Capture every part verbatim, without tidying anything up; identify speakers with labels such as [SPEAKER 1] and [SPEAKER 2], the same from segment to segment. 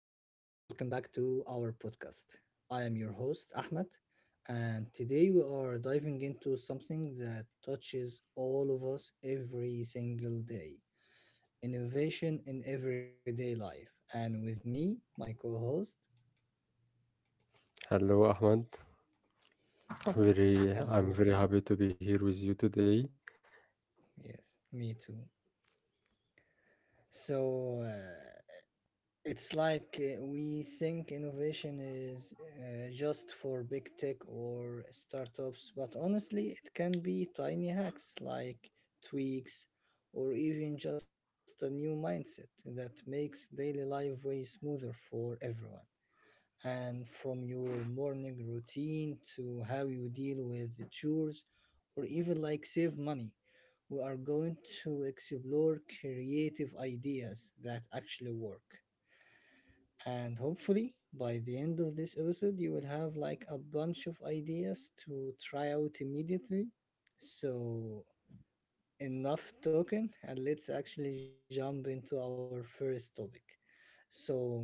[SPEAKER 1] welcome back to our podcast. I am your host Ahmed, and today we are diving into something that touches all of us every single day: innovation in everyday life. And with me, my co host.
[SPEAKER 2] Hello, Ahmad. Very,
[SPEAKER 1] Hello,
[SPEAKER 2] I'm very happy to be here with you today.
[SPEAKER 1] yes, me too. So, uh, It's like uh, we think innovation is uh, just for big tech or startups, but honestly, it can be tiny hacks like tweaks or even just a new mindset that makes daily life way smoother for everyone. And from your morning routine to how you deal with the chores or even like save money, we are going to explore creative ideas that actually work. And hopefully, by the end of this episode, you will have like a bunch of ideas to try out immediately. So, enough talking, and let's actually jump into our first topic. So, Mohab,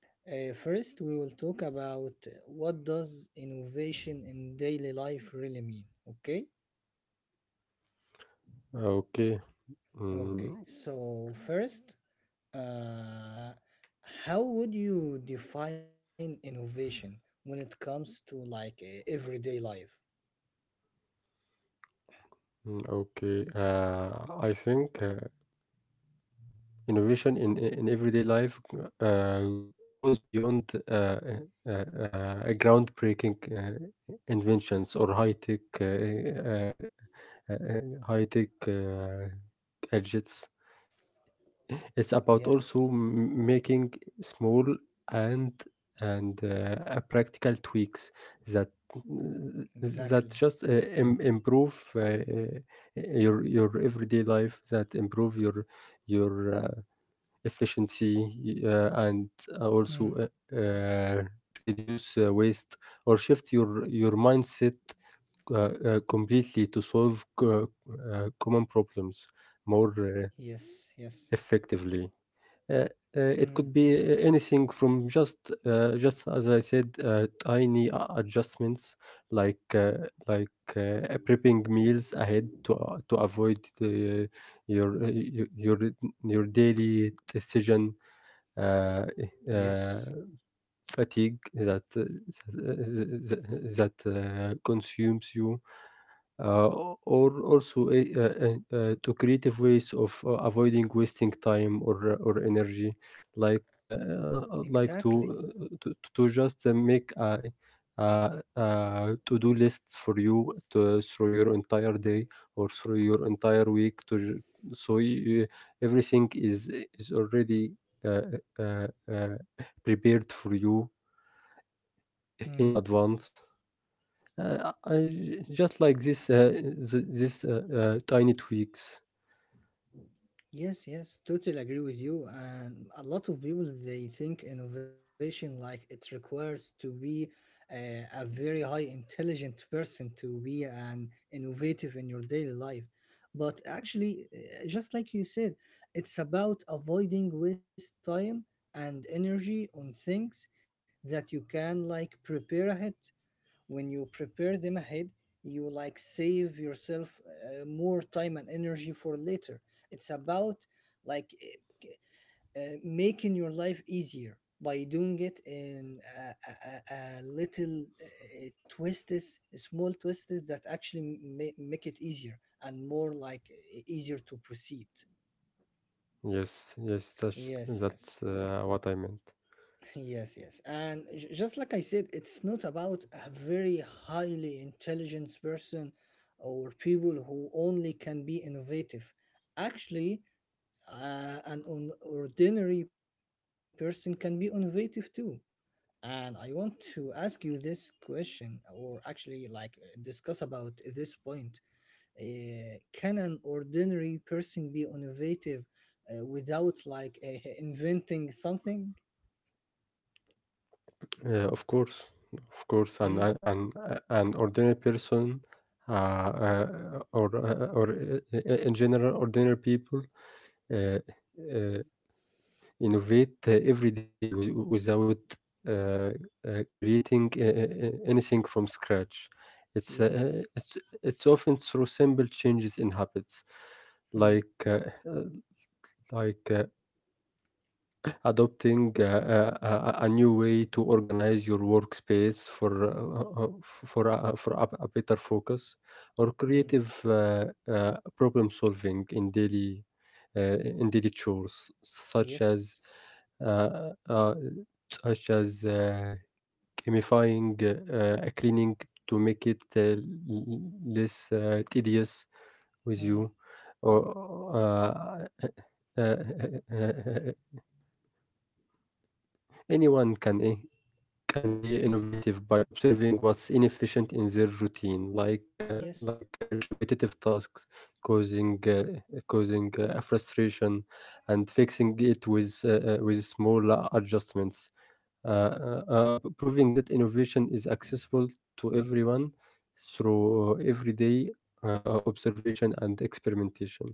[SPEAKER 1] uh, first we will talk about what does innovation in daily life really mean. Okay.
[SPEAKER 2] Okay. Mm,
[SPEAKER 1] Okay. So first, Uh, how would you define innovation when it comes to like eh, everyday life?
[SPEAKER 2] mm, okay. Uh, I think uh, innovation in in everyday life uh, goes beyond uh, uh, uh, uh, groundbreaking uh, inventions or high tech uh, uh, uh, high tech uh, gadgets.
[SPEAKER 1] Yes,
[SPEAKER 2] It's about also m- making small and and uh, practical tweaks that
[SPEAKER 1] exactly.
[SPEAKER 2] that just uh, im- improve uh, uh, your your everyday life that improve your your uh, efficiency uh, and
[SPEAKER 1] Hmm.
[SPEAKER 2] also uh, uh, reduce uh, waste or shift your your mindset uh, uh, completely to solve co- uh, common problems more uh,
[SPEAKER 1] Yes, yes.
[SPEAKER 2] effectively. uh, uh,
[SPEAKER 1] Hmm.
[SPEAKER 2] it could be a- anything from just uh, just as I said, uh, tiny a- adjustments like uh, like uh, prepping meals ahead to uh, to avoid uh, your, uh, your your your daily decision uh,
[SPEAKER 1] Yes,
[SPEAKER 2] uh, fatigue that uh, that uh, that uh, consumes you uh, or also a, uh uh uh, to creative ways of uh, avoiding wasting time or uh, or energy like uh, uh,
[SPEAKER 1] exactly.
[SPEAKER 2] like to, uh, to to just uh, make a, a, a to-do list for you to, through your entire day or through your entire week to ju- so you, everything is is already uh, uh, uh, prepared for you
[SPEAKER 1] Hmm.
[SPEAKER 2] in advance. Uh, I just like this uh, th- this uh, uh, tiny tweaks.
[SPEAKER 1] Yes, yes, totally agree with you. And a lot of people they think innovation like it requires to be a, a very high intelligent person to be an innovative in your daily life. But actually, eh, just like you said, it's about avoiding waste time and energy on things that you can like prepare ahead when you prepare them ahead you like save yourself uh, more time and energy for later. It's about like uh, uh, making your life easier by doing it in a, a, a a little uh, twists, small twists that actually ma- make it easier and more like uh, easier to proceed.
[SPEAKER 2] Yes, yes, that's
[SPEAKER 1] yes
[SPEAKER 2] that's
[SPEAKER 1] yes
[SPEAKER 2] uh, what I meant.
[SPEAKER 1] yes. yes. And j- just like I said, it's not about a very highly intelligent person or people who only can be innovative. Actually, uh, an un- ordinary person can be innovative too. And I want to ask you this question, or actually, like, uh, discuss about this point. Uh, can an ordinary person be innovative uh, without, like, uh, inventing something?
[SPEAKER 2] Uh, of course, of course, an
[SPEAKER 1] Mm,
[SPEAKER 2] an an an ordinary person, uh, uh, or uh, or uh, in general, ordinary people uh, uh, innovate uh, every day with- without uh, uh, creating uh, uh, uh, anything from scratch. It's, uh, uh,
[SPEAKER 1] yes.
[SPEAKER 2] it's, it's often through simple changes in habits,
[SPEAKER 1] Hmm.
[SPEAKER 2] like uh, uh, like uh, adopting uh, uh, uh, a new way to organize your workspace for uh, uh, for a, for a, a better focus or
[SPEAKER 1] Mm,
[SPEAKER 2] creative uh, uh, problem solving in daily uh, in daily chores such as
[SPEAKER 1] yes.
[SPEAKER 2] uh, uh, such as uh, gamifying uh, a cleaning to make it uh, l- less uh, tedious with
[SPEAKER 1] Mm,
[SPEAKER 2] you or uh, uh, uh, uh, anyone can eh, can be innovative by observing what's inefficient in their routine, like uh,
[SPEAKER 1] yes.
[SPEAKER 2] like uh, repetitive tasks causing uh, causing uh, a frustration, and fixing it with uh, uh, with small adjustments. Uh, uh, uh, proving that innovation is accessible to everyone through everyday uh, observation and experimentation.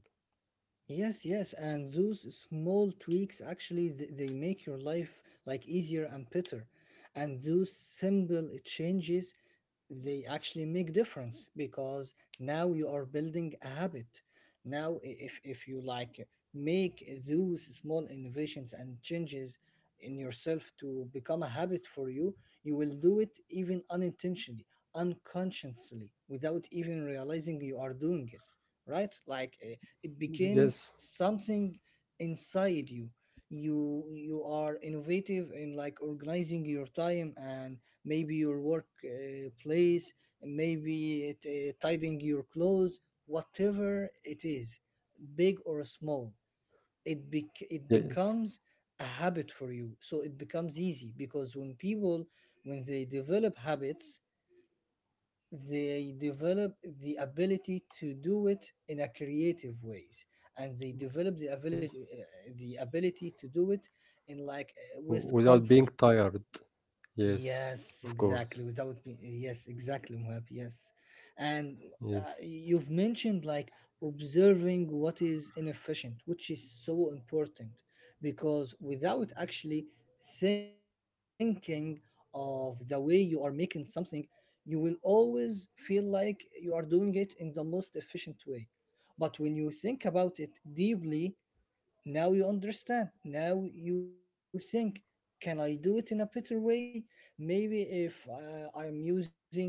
[SPEAKER 1] Yes, yes. And those small tweaks actually th- they make your life like easier and better. And those simple changes they actually make difference because now you are building a habit. Now i- if if you like make those small innovations and changes in yourself to become a habit for you, you will do it even unintentionally, unconsciously, without even realizing you are doing it, right? Like eh, it became
[SPEAKER 2] Yes,
[SPEAKER 1] something inside you. You you are innovative in like organizing your time and maybe your work uh, place, maybe it, uh, tidying your clothes, whatever it is, big or small, it bec- it
[SPEAKER 2] yes,
[SPEAKER 1] becomes a habit for you. So it becomes easy because when people, when they develop habits, they develop the ability to do it in a creative ways, and they develop the
[SPEAKER 2] w-
[SPEAKER 1] ability uh, the ability to do it in like uh, with
[SPEAKER 2] without being
[SPEAKER 1] comfort.
[SPEAKER 2] tired. Yes,
[SPEAKER 1] Yes,
[SPEAKER 2] of course.
[SPEAKER 1] exactly. Without me, yes, exactly, Muhab. Yes, and uh,
[SPEAKER 2] Yes,
[SPEAKER 1] you've mentioned like observing what is inefficient, which is so important because without actually thinking of the way you are making something, you will always feel like you are doing it in the most efficient way. But when you think about it deeply, now you understand. Now you think, can I do it in a better way? Maybe if uh, I'm using uh,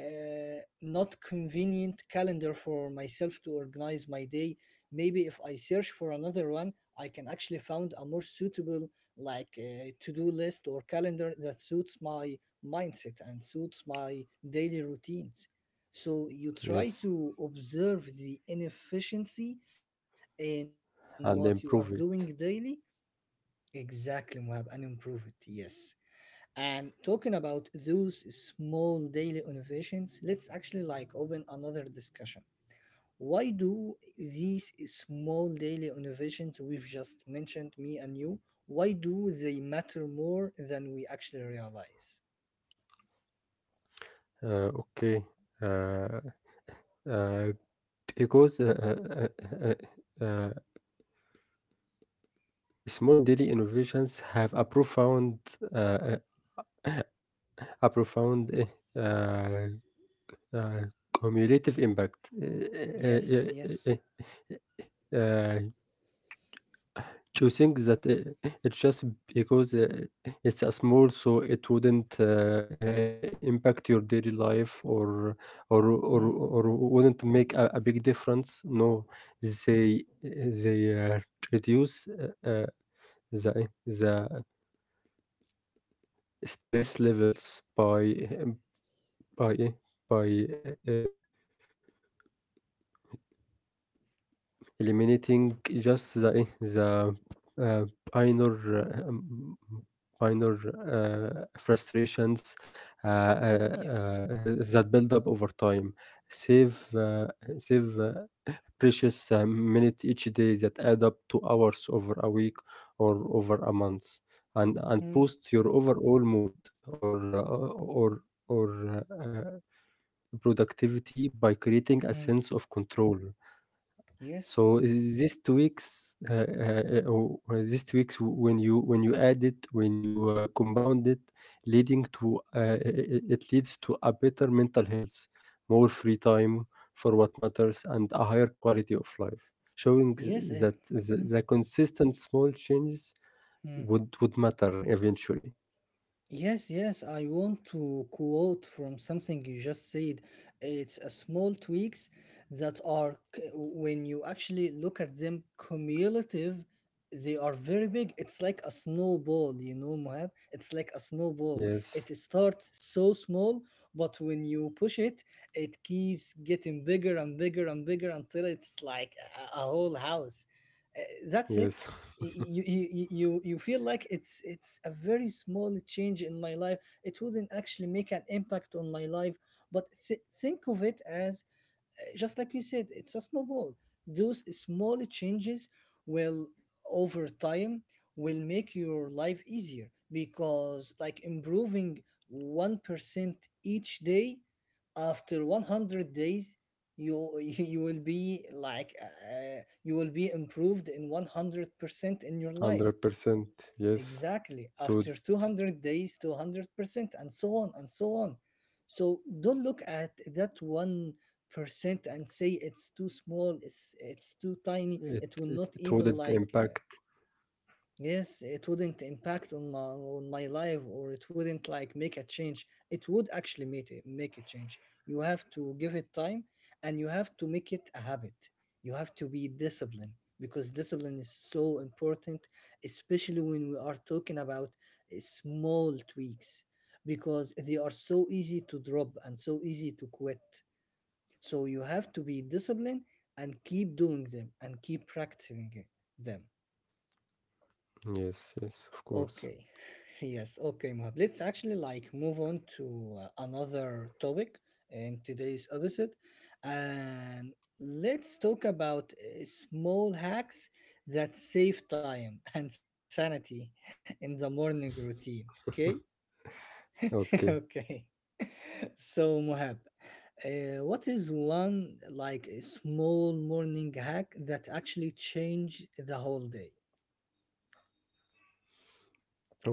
[SPEAKER 1] not convenient calendar for myself to organize my day. Maybe if I search for another one, I can actually find a more suitable like uh, to-do list or calendar that suits my mindset and suits my daily routines. So you try
[SPEAKER 2] yes,
[SPEAKER 1] to observe the inefficiency in what you are
[SPEAKER 2] and
[SPEAKER 1] doing
[SPEAKER 2] improve
[SPEAKER 1] daily.
[SPEAKER 2] it.
[SPEAKER 1] Exactly, Muhab, and improve it. Yes, and talking about those small daily innovations, let's actually like open another discussion. Why do these small daily innovations we've just mentioned, me and you, why do they matter more than we actually realize?
[SPEAKER 2] Uh, okay, uh, uh, because uh, uh, uh, uh, uh, small daily innovations have a profound, uh, uh, a profound uh, uh, uh, cumulative impact. Uh, uh,
[SPEAKER 1] Yes,
[SPEAKER 2] uh,
[SPEAKER 1] yes.
[SPEAKER 2] uh, uh, To think that I it's just because, uh, it's a small, so it wouldn't, uh, I impact your daily life or or or
[SPEAKER 1] Mm,
[SPEAKER 2] or wouldn't make a a big difference. No, they they, uh, reduce, uh, uh, the the stress levels by eh, by eh, by, uh eliminating just the eh, the uh, minor uh, um, minor uh, frustrations uh,
[SPEAKER 1] yes.
[SPEAKER 2] uh, uh, that build up over time. Save uh, Save uh, precious uh, minute each day that add up to hours over a week or over a month, and and
[SPEAKER 1] Mm,
[SPEAKER 2] boost your overall mood or uh, or or uh, uh, productivity by creating a
[SPEAKER 1] mm,
[SPEAKER 2] sense of control.
[SPEAKER 1] yes.
[SPEAKER 2] So this tweaks uh, uh, uh, or or this tweaks w- when you when you add it when you uh, compound it, leading to uh, uh, uh, it leads to a better mental health, more free time for what matters, and a higher quality of life, showing
[SPEAKER 1] Yes. Eh,
[SPEAKER 2] that the,
[SPEAKER 1] mm,
[SPEAKER 2] the consistent small changes
[SPEAKER 1] mm.
[SPEAKER 2] would would matter eventually.
[SPEAKER 1] Yes, yes, I want to quote from something you just said. It's a small tweaks that are, c- when you actually look at them cumulative, they are very big. It's like a snowball, you know, Mohab? It's like a snowball.
[SPEAKER 2] Yes,
[SPEAKER 1] It starts so small, but when you push it, it keeps getting bigger and bigger and bigger until it's like a, a whole house. Uh, That's it.
[SPEAKER 2] yes,
[SPEAKER 1] You, you you you feel like it's it's a very small change in my life, it wouldn't actually make an impact on my life, but th- think of it as, just like you said, it's a snowball. Those small changes will, over time, will make your life easier because, like, improving one percent each day, after one hundred days, you you will be like uh, you will be improved in one hundred percent in your life.
[SPEAKER 2] hundred percent. Yes,
[SPEAKER 1] Exactly.
[SPEAKER 2] it would
[SPEAKER 1] After two hundred days, two hundred percent, and so on and so on. So don't look at that one percent and say it's too small, it's, it's too tiny.
[SPEAKER 2] it,
[SPEAKER 1] It will not
[SPEAKER 2] it it
[SPEAKER 1] even
[SPEAKER 2] wouldn't
[SPEAKER 1] like uh,
[SPEAKER 2] impact.
[SPEAKER 1] yes, it wouldn't impact on my on my life or it wouldn't like make a change. It would actually make it make a change. You have to give it time and you have to make it a habit. You have to be disciplined, because discipline is so important, especially when we are talking about uh, small tweaks because they are so easy to drop and so easy to quit. So you have to be disciplined and keep doing them and keep practicing them.
[SPEAKER 2] Yes, yes, of course.
[SPEAKER 1] Okay. Yes. Okay, Muhab. Let's actually like move on to uh, another topic in today's episode, and let's talk about uh, small hacks that save time and sanity in the morning routine. Okay.
[SPEAKER 2] Okay.
[SPEAKER 1] Okay. So, Muhab, uh, what is one like a small morning hack that actually change the whole day?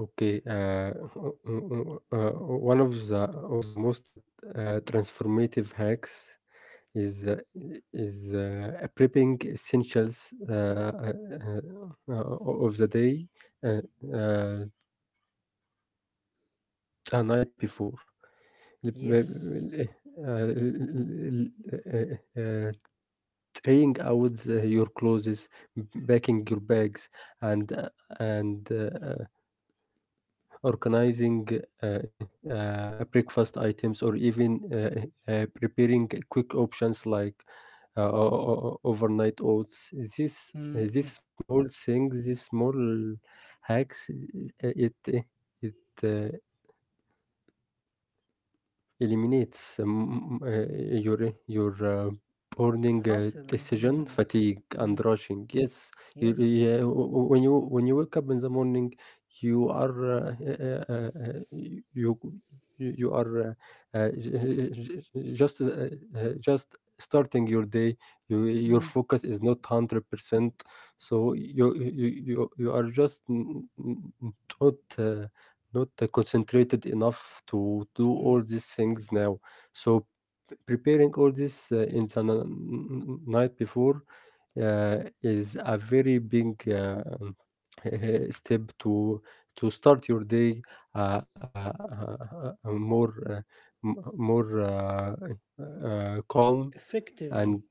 [SPEAKER 2] Okay, uh, o- o- o- uh, one of the of the most uh, transformative hacks is uh, is uh, prepping essentials uh, uh, uh, uh, of the day uh, uh, the night before. L-
[SPEAKER 1] Yes.
[SPEAKER 2] Uh, uh, uh, Trying out uh, your clothes, packing your bags, and uh, and uh, organizing uh, uh, uh, breakfast items, or even uh, uh, uh, preparing quick options like uh, o- o- overnight oats. This
[SPEAKER 1] Hmm.
[SPEAKER 2] uh, These small things, these small hacks, uh, it it uh, eliminates um, uh, your your uh, burning uh,
[SPEAKER 1] Hustle in the
[SPEAKER 2] decision
[SPEAKER 1] morning.
[SPEAKER 2] fatigue
[SPEAKER 1] Hmm.
[SPEAKER 2] and rushing. Yes, you,
[SPEAKER 1] Yes.
[SPEAKER 2] yeah, w- w- when you when you wake up in the morning, you are uh, uh, uh, uh, you you you are uh, uh, j- eh, j- j- just uh, uh, just starting your day. You, your
[SPEAKER 1] Hmm.
[SPEAKER 2] focus is not hundred percent, so you you you you you are just n- n- n- not. Uh, not uh, concentrated enough to do
[SPEAKER 1] Hmm.
[SPEAKER 2] all these things now. So p- preparing all this uh, in the n- n- night before uh, is a very big uh, step to to start your day uh, uh, uh, uh, more uh, m- more uh, uh, calm
[SPEAKER 1] Effectively.
[SPEAKER 2] and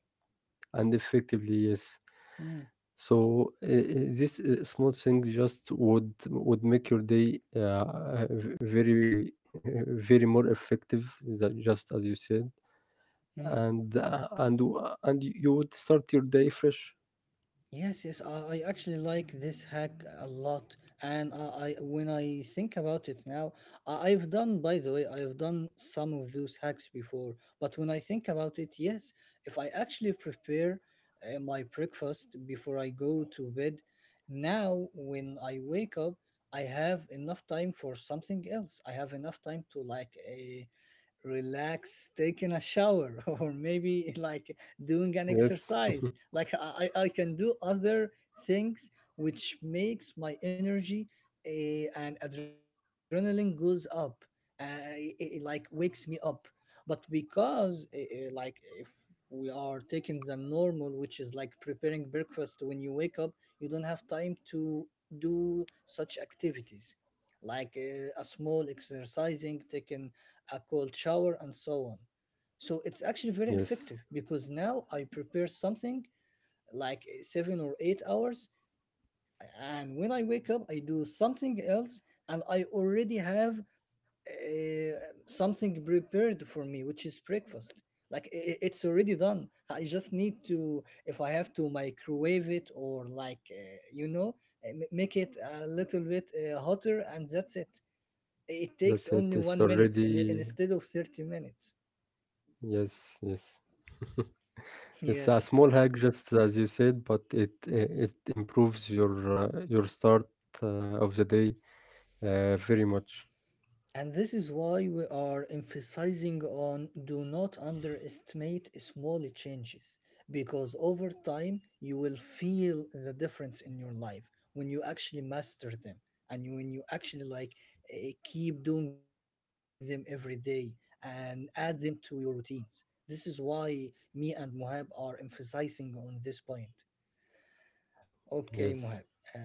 [SPEAKER 2] and effectively. Yes.
[SPEAKER 1] Hmm.
[SPEAKER 2] So, uh, uh, this uh, small thing just would would make your day uh, v- very very more effective, than just as you said,
[SPEAKER 1] Hmm.
[SPEAKER 2] and uh, and w- and you would start your day fresh.
[SPEAKER 1] Yes. Yes. I, I actually like this hack a lot, and I, I when I think about it now, I, I've done. By the way, I've done some of those hacks before, but when I think about it, yes, if I actually prepare uh, my breakfast before I go to bed, now when I wake up, I have enough time for something else. I have enough time to like uh, relax, taking a shower or maybe like doing an
[SPEAKER 2] Yes,
[SPEAKER 1] exercise. Like i, I I can do other things which makes my energy eh, and adrenaline goes up. uh, it, it like wakes me up, but because eh, eh, like if we are taking the normal, which is like preparing breakfast when you wake up, you don't have time to do such activities like uh, a small exercising, taking a cold shower, and so on. So it's actually very
[SPEAKER 2] yes,
[SPEAKER 1] effective because now I prepare something like eh, seven or eight hours, and when I wake up, I do something else, and I already have uh, something prepared for me, which is breakfast. Like i- i- it's already done. I just need to, if I have to microwave it or like uh, you know, uh, ma- make it a little bit uh, hotter, and that's it. It takes
[SPEAKER 2] that's it.
[SPEAKER 1] only
[SPEAKER 2] It's
[SPEAKER 1] one minute, and, and
[SPEAKER 2] already
[SPEAKER 1] instead of thirty minutes.
[SPEAKER 2] yes, yes. It's a
[SPEAKER 1] Yes,
[SPEAKER 2] small hack, just as you said, but it it improves your uh, your start uh, of the day uh, very much.
[SPEAKER 1] and this is why we are emphasizing on do not underestimate small changes because over time you will feel the difference in your life when you actually master them and you, when you actually like eh, keep doing them every day and add them to your routines. This is why me and Muhab are emphasizing on this point. Okay,
[SPEAKER 2] Yes.
[SPEAKER 1] Mohab. Uh,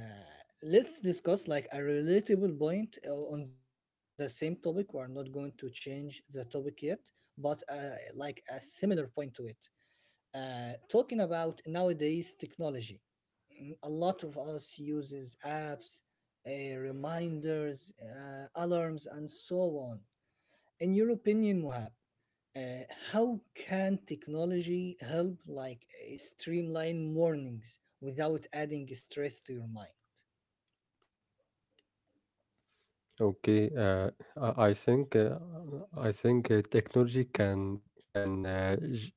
[SPEAKER 1] let's discuss like a relatable point uh, on the same topic. We're not going to change the topic yet, but uh, like a similar point to it. Uh, talking about nowadays technology, mm, a lot of us uses apps, uh, reminders, uh, alarms, and so on. In your opinion, Mohab, uh, how can technology help like uh, streamline mornings without adding stress to your mind?
[SPEAKER 2] Okay, uh, I I think uh, I think uh, technology can can uh, g-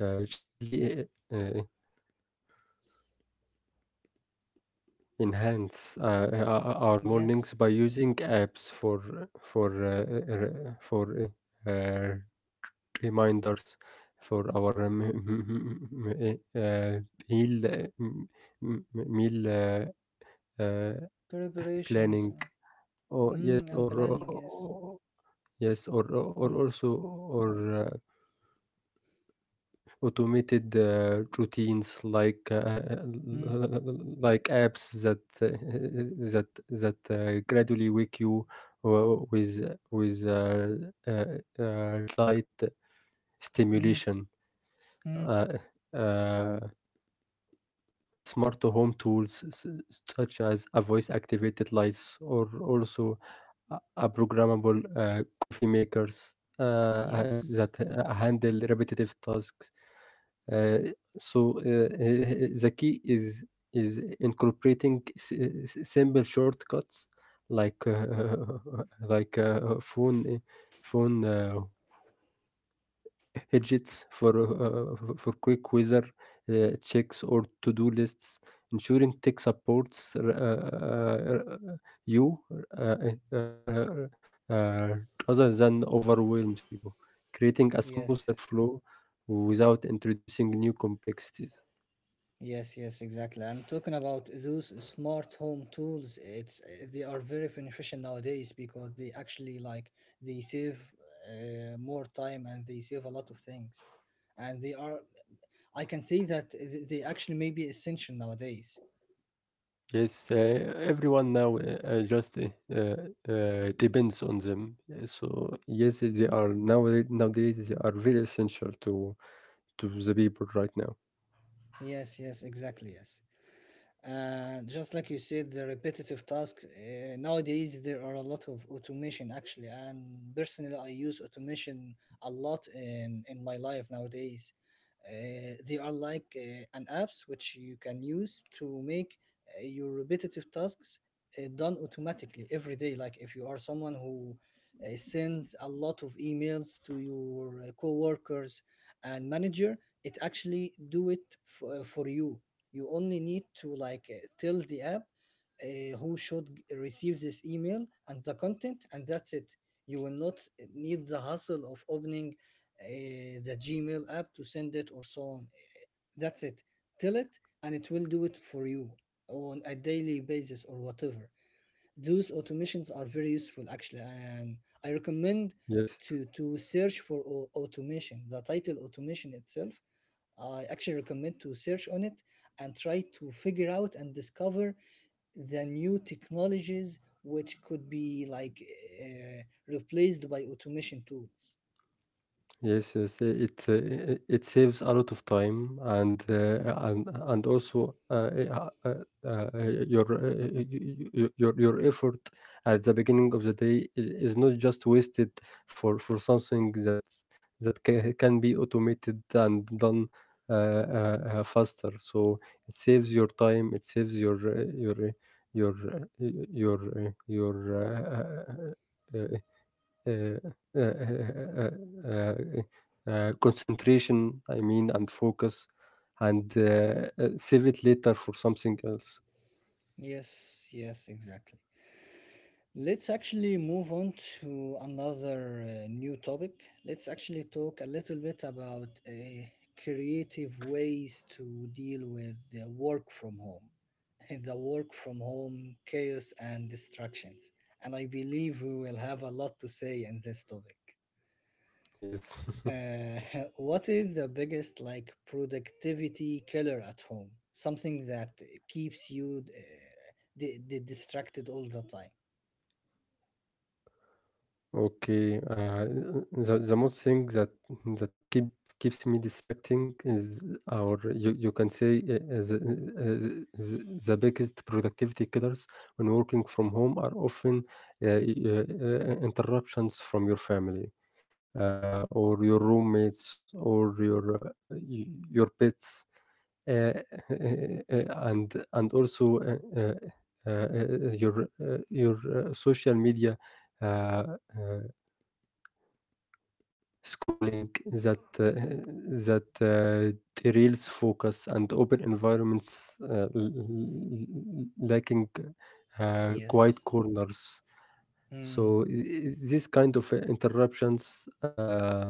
[SPEAKER 2] uh, gently uh, uh, enhance uh, uh, our
[SPEAKER 1] Yes,
[SPEAKER 2] mornings by using apps for for uh, uh, for uh, uh, reminders for our m- m- m- m- uh, meal uh, m- m- meal uh, uh,
[SPEAKER 1] preparations uh,
[SPEAKER 2] planning. Oh
[SPEAKER 1] mm, and
[SPEAKER 2] yes, or,
[SPEAKER 1] planning. Yes.
[SPEAKER 2] or yes, or or
[SPEAKER 1] Mm,
[SPEAKER 2] or also or. Uh, automated uh, routines like uh,
[SPEAKER 1] mm,
[SPEAKER 2] uh, like apps that uh, that that uh, gradually wake you uh, with with uh, uh, uh, light
[SPEAKER 1] mm,
[SPEAKER 2] stimulation.
[SPEAKER 1] mm.
[SPEAKER 2] Uh, uh, Smart home tools s- such as a voice activated lights or also a a programmable uh, coffee makers uh, that
[SPEAKER 1] Yes,
[SPEAKER 2] uh, handle repetitive tasks. Uh, so uh, uh, the key is is incorporating s- s- simple shortcuts like uh, like uh, phone uh, phone uh, widgets for uh, for quick weather uh, checks or to-do lists, ensuring tech supports uh, uh, you uh, uh, uh, uh, rather than overwhelms you, creating a
[SPEAKER 1] yes,
[SPEAKER 2] smoother flow without introducing new complexities.
[SPEAKER 1] yes, yes, exactly. I'm talking about those smart home tools. It's uh, They are very beneficial nowadays because they actually like they save uh, more time and they save a lot of things, and they are. I can say that th- they actually may be essential nowadays.
[SPEAKER 2] Yes, uh, everyone now uh, uh, just uh, uh, uh, depends on them. Uh, So yes, they are now nowadays they are very essential to to the people right now.
[SPEAKER 1] Yes, yes, exactly. Yes. And just like you said, the repetitive tasks uh, nowadays there are a lot of automation actually. And personally, I use automation a lot in in my life nowadays. Uh, they are like uh, an apps which you can use to make uh, your repetitive tasks uh, done automatically every day. Like if you are someone who uh, sends a lot of emails to your uh, coworkers and manager, it actually do it f- uh, for you. You only need to like uh, tell the app uh, who should g- receive this email and the content, and that's it. You will not uh, need the hassle of opening uh, the Gmail app to send it or so on. That's it, tell it and it will do it for you on a daily basis or whatever. Those automations are very useful actually, and I recommend
[SPEAKER 2] Yes.
[SPEAKER 1] to to search for au- automation, the title automation itself. I actually recommend to search on it and try to figure out and discover the new technologies which could be like uh, replaced by automation tools.
[SPEAKER 2] Yes, yes, i- it uh, i- it saves a lot of time and uh, and and also uh, eh, uh, uh, uh, your, uh, y- y- y- your your effort at the beginning of the day i- is not just wasted for for something that that can can be automated and done uh, uh, uh, faster. So it saves your time. It saves your uh, your uh, your uh, y- your uh, your uh, uh, uh, uh, uh, uh, uh, uh, uh, concentration, I mean, and focus, and uh, uh, save it later for something else.
[SPEAKER 1] Yes, yes, exactly. Let's actually move on to another uh, new topic. Let's actually talk a little bit about uh, creative ways to deal with the work from home, the work from home chaos and distractions. And I believe we will have a lot to say in this topic.
[SPEAKER 2] Yes.
[SPEAKER 1] Uh, what is the biggest like productivity killer at home? Something that keeps you uh, di- di- distracted all the time.
[SPEAKER 2] Okay. Uh, the the most thing that that keep keeps me distracting is, or you, you can say, uh, uh, the, uh, the, the the biggest productivity killers when working from home are often uh, uh, uh, interruptions from your family, uh, or your roommates or your uh, y- your pets, uh, and and also uh, uh, uh, uh, your uh, your uh, social media uh, uh, scrolling that uh, that uh, derails focus, and open environments uh, l- l- lacking uh,
[SPEAKER 1] Yes.
[SPEAKER 2] quiet corners.
[SPEAKER 1] Hmm.
[SPEAKER 2] So i- i- this kind of uh, interruptions uh,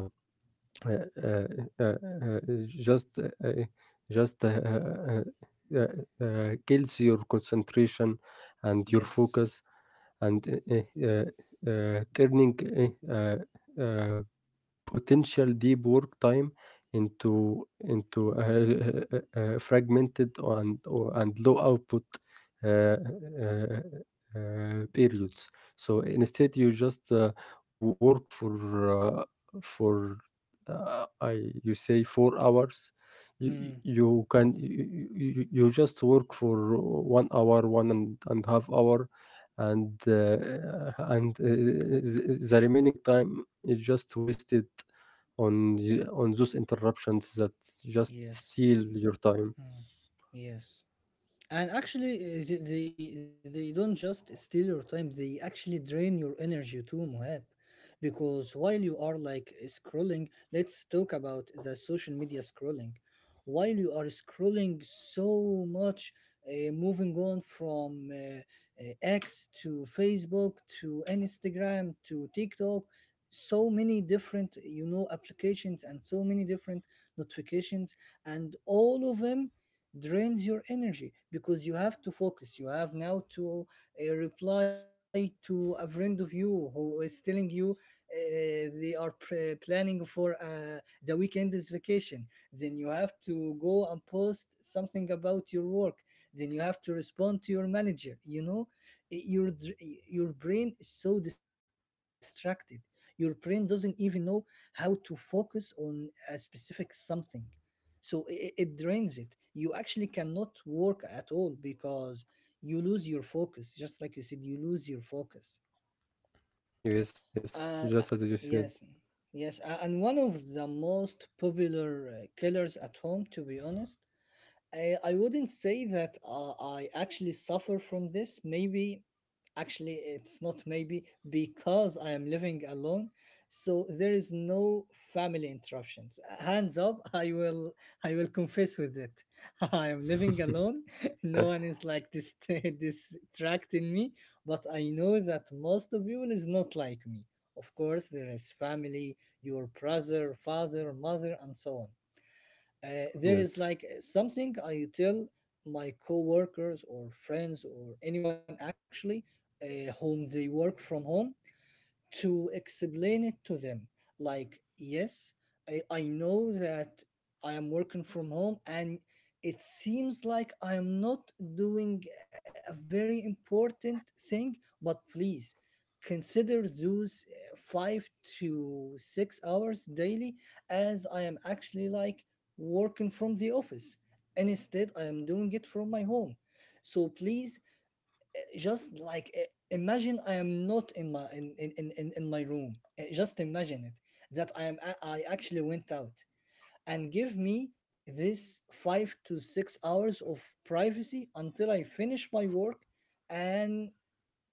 [SPEAKER 2] Uh, uh, uh, uh, just uh, uh, just uh, uh, uh, uh, uh, kills your concentration and your
[SPEAKER 1] Yes.
[SPEAKER 2] focus and uh, uh, uh, turning uh, uh, uh, potential deep work time into into a a fragmented and or, and low output uh, uh, uh, periods. So instead, you just uh, w- work for uh, for uh, I you say four hours. You, you
[SPEAKER 1] Mm.
[SPEAKER 2] you can you, you you- You just work for one hour, one and, and half hour, and uh, and uh, the the remaining time is just wasted on y- on those interruptions that just steal
[SPEAKER 1] Yes.
[SPEAKER 2] your time.
[SPEAKER 1] Mm. Yes. And actually, uh, they, they they don't just steal your time; they actually drain your energy too, Mohab. Because while you are like scrolling, let's talk about the social media scrolling. While you are scrolling so much, uh, moving on from uh, uh, X to Facebook to Instagram to TikTok, so many different you know applications and so many different notifications, and all of them drains your energy because you have to focus. You have now to uh, reply to a friend of you who is telling you uh, they are pre- planning for uh, the weekend's vacation. Then you have to go and post something about your work, then you have to respond to your manager, you know. I- your dr- your brain is so distracted, your brain doesn't even know how to focus on a specific something. So it, it drains it, you actually cannot work at all because you lose your focus, just like you said, you lose your focus.
[SPEAKER 2] Yes, yes,
[SPEAKER 1] uh uh,
[SPEAKER 2] just as you said.
[SPEAKER 1] yes. Yes, uh, and one of the most popular uh, killers at home, to be honest, I, I wouldn't say that uh, I actually suffer from this. Maybe, actually, it's not maybe, because I am living alone, so there is no family interruptions. Hands up, I will I will confess with it. I am living alone. No one is like this distracting me, but I know that most of people is not like me. Of course, there is family, your brother, father, mother, and so on. Uh, there is
[SPEAKER 2] Yes,
[SPEAKER 1] like something I tell my coworkers or friends or anyone actually uh, whom they work from home, to explain it to them. Like, yes, i, I know that I am working from home, and it seems like I am not doing a very important thing, but please consider those uh, five to six hours daily as I am actually like working from the office and instead I am doing it from my home. So please, just like uh, imagine I am not in my in in in, in- in my room. Uh, just imagine it, that I am a- I actually went out, and give me this five to six hours of privacy until I finish my work, and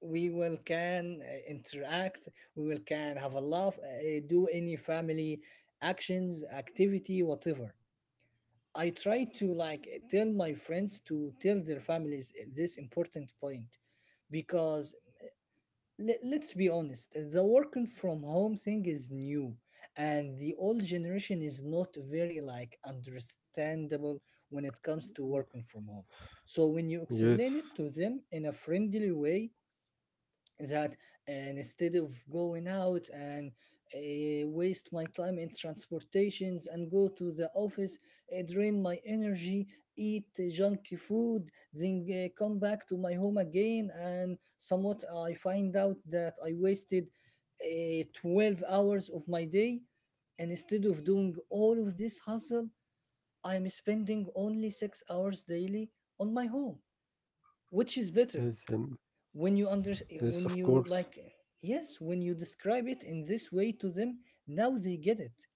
[SPEAKER 1] we will can uh, interact, we will can have a laugh, uh, do any family actions activity, whatever. I try to like tell my friends to tell their families this important point, because le- let's be honest, the working from home thing is new, and the old generation is not very like understandable when it comes to working from home. So when you explain
[SPEAKER 2] yes,
[SPEAKER 1] it to them in a friendly way, that, and instead of going out and uh, waste my time in transportations and go to the office, uh, drain my energy, eat uh, junky food, then uh, come back to my home again, and somewhat I find out that I wasted uh, twelve hours of my day. And instead of doing all of this hustle, I'm spending only six hours daily on my home, which is better.
[SPEAKER 2] yes, and
[SPEAKER 1] when you under
[SPEAKER 2] yes,
[SPEAKER 1] when
[SPEAKER 2] of
[SPEAKER 1] you
[SPEAKER 2] course.
[SPEAKER 1] like, yes, when you describe it in this way to them, now they get it,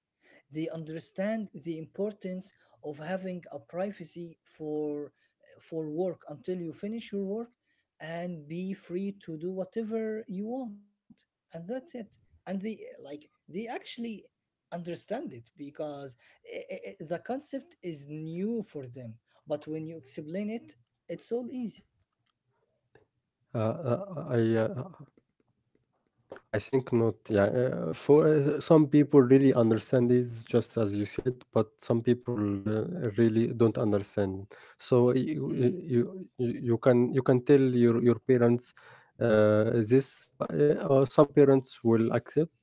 [SPEAKER 1] they understand the importance of having a privacy for for work until you finish your work and be free to do whatever you want, and that's it. And they, like they actually understand it, because i- i- i- the concept is new for them, but when you explain it, it's all easy.
[SPEAKER 2] Uh, uh, I uh, I think not. Yeah, uh, for uh, some people really understand it just as you said, but some people uh, really don't understand. So you
[SPEAKER 1] Mm,
[SPEAKER 2] you you you can you can tell your your parents uh, this, but, uh, or some parents will accept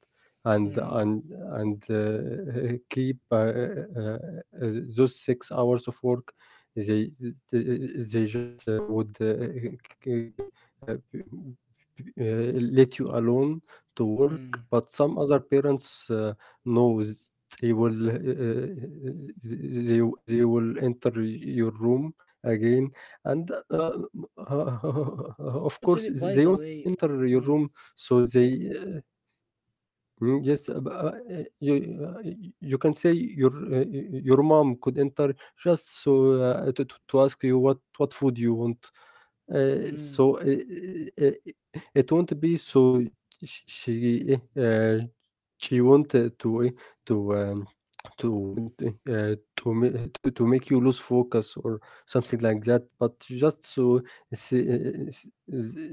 [SPEAKER 2] and
[SPEAKER 1] mm,
[SPEAKER 2] and and uh, keep uh, uh, uh, those six hours of work. They they they just uh, would uh, uh, uh, uh, let you alone to work,
[SPEAKER 1] mm.
[SPEAKER 2] but some other parents uh, knows they will uh, th- they they will enter your room again
[SPEAKER 1] Mm.
[SPEAKER 2] and uh,
[SPEAKER 1] T-
[SPEAKER 2] of course
[SPEAKER 1] totally. By
[SPEAKER 2] they
[SPEAKER 1] the
[SPEAKER 2] won't
[SPEAKER 1] way,
[SPEAKER 2] enter your
[SPEAKER 1] mm,
[SPEAKER 2] room so
[SPEAKER 1] mm,
[SPEAKER 2] they Mm. Yes, uh, b- uh, uh, you, uh, y- you can say your uh, y- your mom could enter just so uh, to, to to ask you what what food you want. Uh,
[SPEAKER 1] mm,
[SPEAKER 2] so uh, uh, uh, it won't be so sh- she uh, she wanted to uh, to um, to uh, to, ma- to to make you lose focus or something like that, but just so she,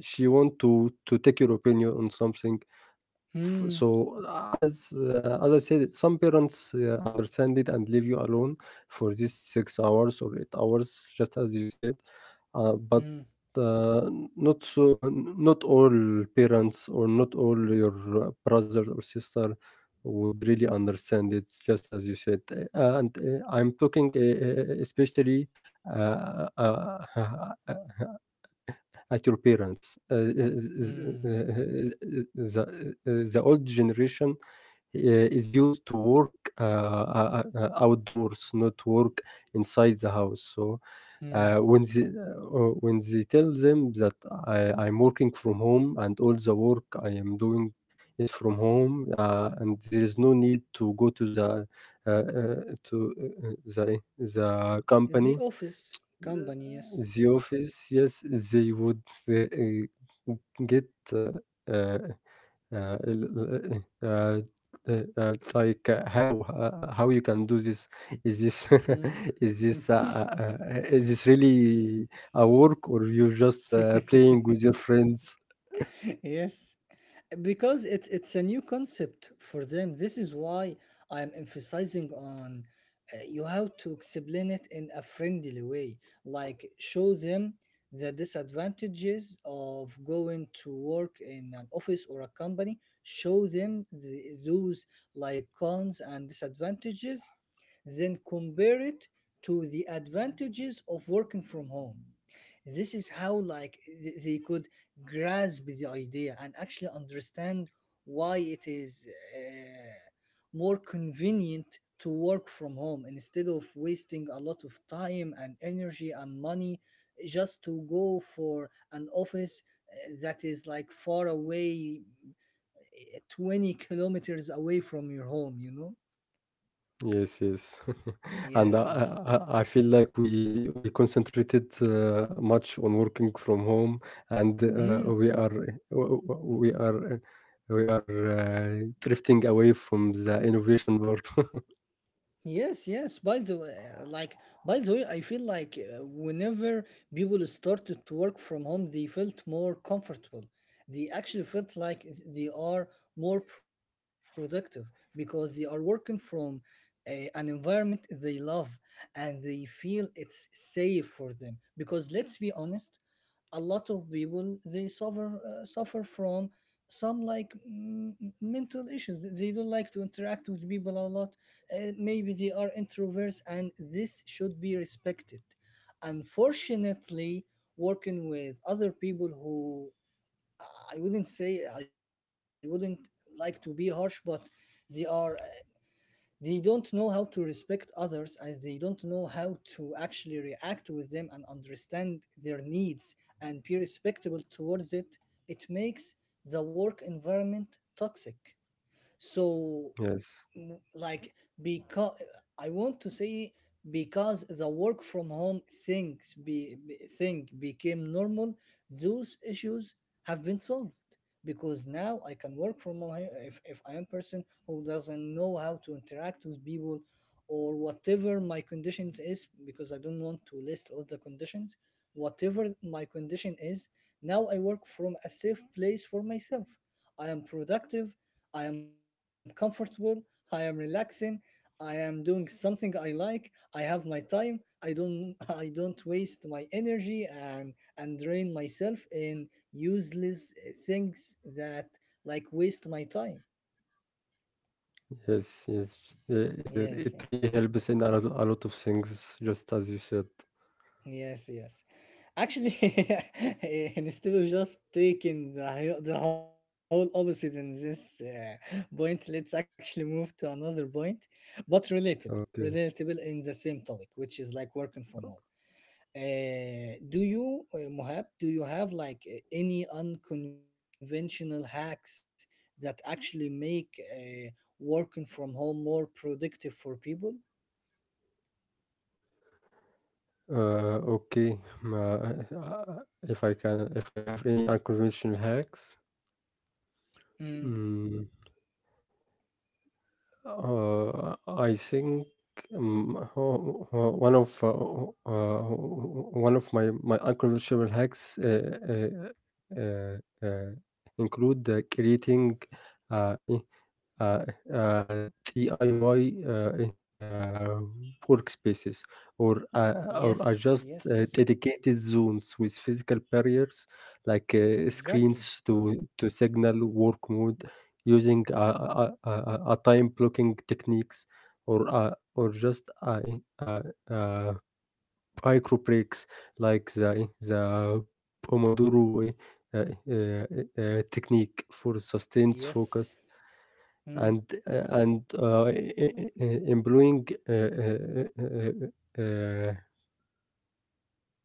[SPEAKER 2] she want to to take your opinion on something. F
[SPEAKER 1] mm,
[SPEAKER 2] So, as uh, as I said, some parents uh, understand it and leave you alone for these six hours or eight hours, just as you said. Uh, but
[SPEAKER 1] mm,
[SPEAKER 2] uh, not so, not all parents or not all your uh, brother or sister would really understand it, just as you said. Uh, and uh, I'm talking uh, uh, especially uh, uh, at your parents. Uh,
[SPEAKER 1] mm,
[SPEAKER 2] the, the uh, the old generation uh, is used to work uh, uh, uh, outdoors, not work inside the house. So
[SPEAKER 1] mm.
[SPEAKER 2] uh, when they, uh, uh, when they tell them that I, I'm working from home and all the work I am doing is from home, uh, and there is no need to go to the uh, uh, to uh, uh, the the
[SPEAKER 1] The
[SPEAKER 2] company,
[SPEAKER 1] office company, yes.
[SPEAKER 2] the office, yes. They would uh, uh, get uh, uh, uh, l- uh, uh, uh, like, uh, how uh, uh, how you can do this? Is this
[SPEAKER 1] Mm.
[SPEAKER 2] is this uh, uh, uh, is this really a work, or you just uh, playing with your friends?
[SPEAKER 1] Yes, because it, it's a new concept for them. This is why I'm emphasizing on, uh, you have to explain it in a friendly way. Like, show them the disadvantages of going to work in an office or a company, show them the, those like cons and disadvantages, then compare it to the advantages of working from home. This is how like th- they could grasp the idea and actually understand why it is uh, more convenient to work from home instead of wasting a lot of time and energy and money just to go for an office uh, that is like far away, uh, twenty kilometers away from your home, you know.
[SPEAKER 2] Yes, yes. And I
[SPEAKER 1] Yes, yes.
[SPEAKER 2] I I I feel like we we concentrated uh, much on working from home, and uh,
[SPEAKER 1] Mm.
[SPEAKER 2] we are w- w- we are we are uh, drifting away from the innovation part.
[SPEAKER 1] Yes, yes. By the way, uh, like by the way, I feel like uh, whenever people started to work from home, they felt more comfortable. They actually felt like they are more productive because they are working from a, an environment they love, and they feel it's safe for them. Because let's be honest, a lot of people they suffer uh, suffer from some like mm, mental issues. They don't like to interact with people a lot. Uh, maybe they are introverts and this should be respected. Unfortunately, working with other people who, i wouldn't say I wouldn't like to be harsh, but they are, they don't know how to respect others, and they don't know how to actually react with them and understand their needs and be respectable towards it. It makes the work environment toxic. So,
[SPEAKER 2] Yes,
[SPEAKER 1] m- like because I want to say, because the work from home things be, be thing became normal, those issues have been solved, because now I can work from home. If, if I am person who doesn't know how to interact with people, or whatever my conditions is, because I don't want to list all the conditions, whatever my condition is, now I work from a safe place for myself. I am productive, I am comfortable, I am relaxing, I am doing something I like, I have my time, I don't I don't waste my energy and and drain myself in useless eh, things that like waste my time.
[SPEAKER 2] yes, yes. Uh, uh,
[SPEAKER 1] Yes.
[SPEAKER 2] It
[SPEAKER 1] eh,
[SPEAKER 2] really helps in a lot, a lot of things, just as you said.
[SPEAKER 1] Yes, yes. Actually, eh, instead of just taking the, hi- the whole opposite in this uh, point, let's actually move to another point, but relatable,
[SPEAKER 2] Okay.
[SPEAKER 1] relatable in the same topic, which is like working from home. Uh, do you, uh, Mohab, do you have like uh, any unconventional hacks that actually make uh, working from home more productive for people?
[SPEAKER 2] Uh, okay. Um, Uh, uh, If I can, if I have any unconventional hacks.
[SPEAKER 1] Mm,
[SPEAKER 2] Hmm. Uh, I think um, ho- ho- one of uh, uh, one of my my unconventional hacks uh, uh, uh, uh, include uh, creating uh, uh, uh, D I Y uh, eh, uh, workspaces or uh, or
[SPEAKER 1] yes,
[SPEAKER 2] adjust uh,
[SPEAKER 1] yes,
[SPEAKER 2] dedicated zones with physical barriers like uh,
[SPEAKER 1] exactly.
[SPEAKER 2] screens to to signal work mode, using a, a, a, a a time blocking techniques or uh, or just uh, eh, uh, uh, micro breaks like the eh, the Pomodoro uh, uh, uh, technique for sustained focus,
[SPEAKER 1] Yes.
[SPEAKER 2] and
[SPEAKER 1] Mm,
[SPEAKER 2] uh, and uh, e- e- e- employing uh, uh, uh, uh, uh,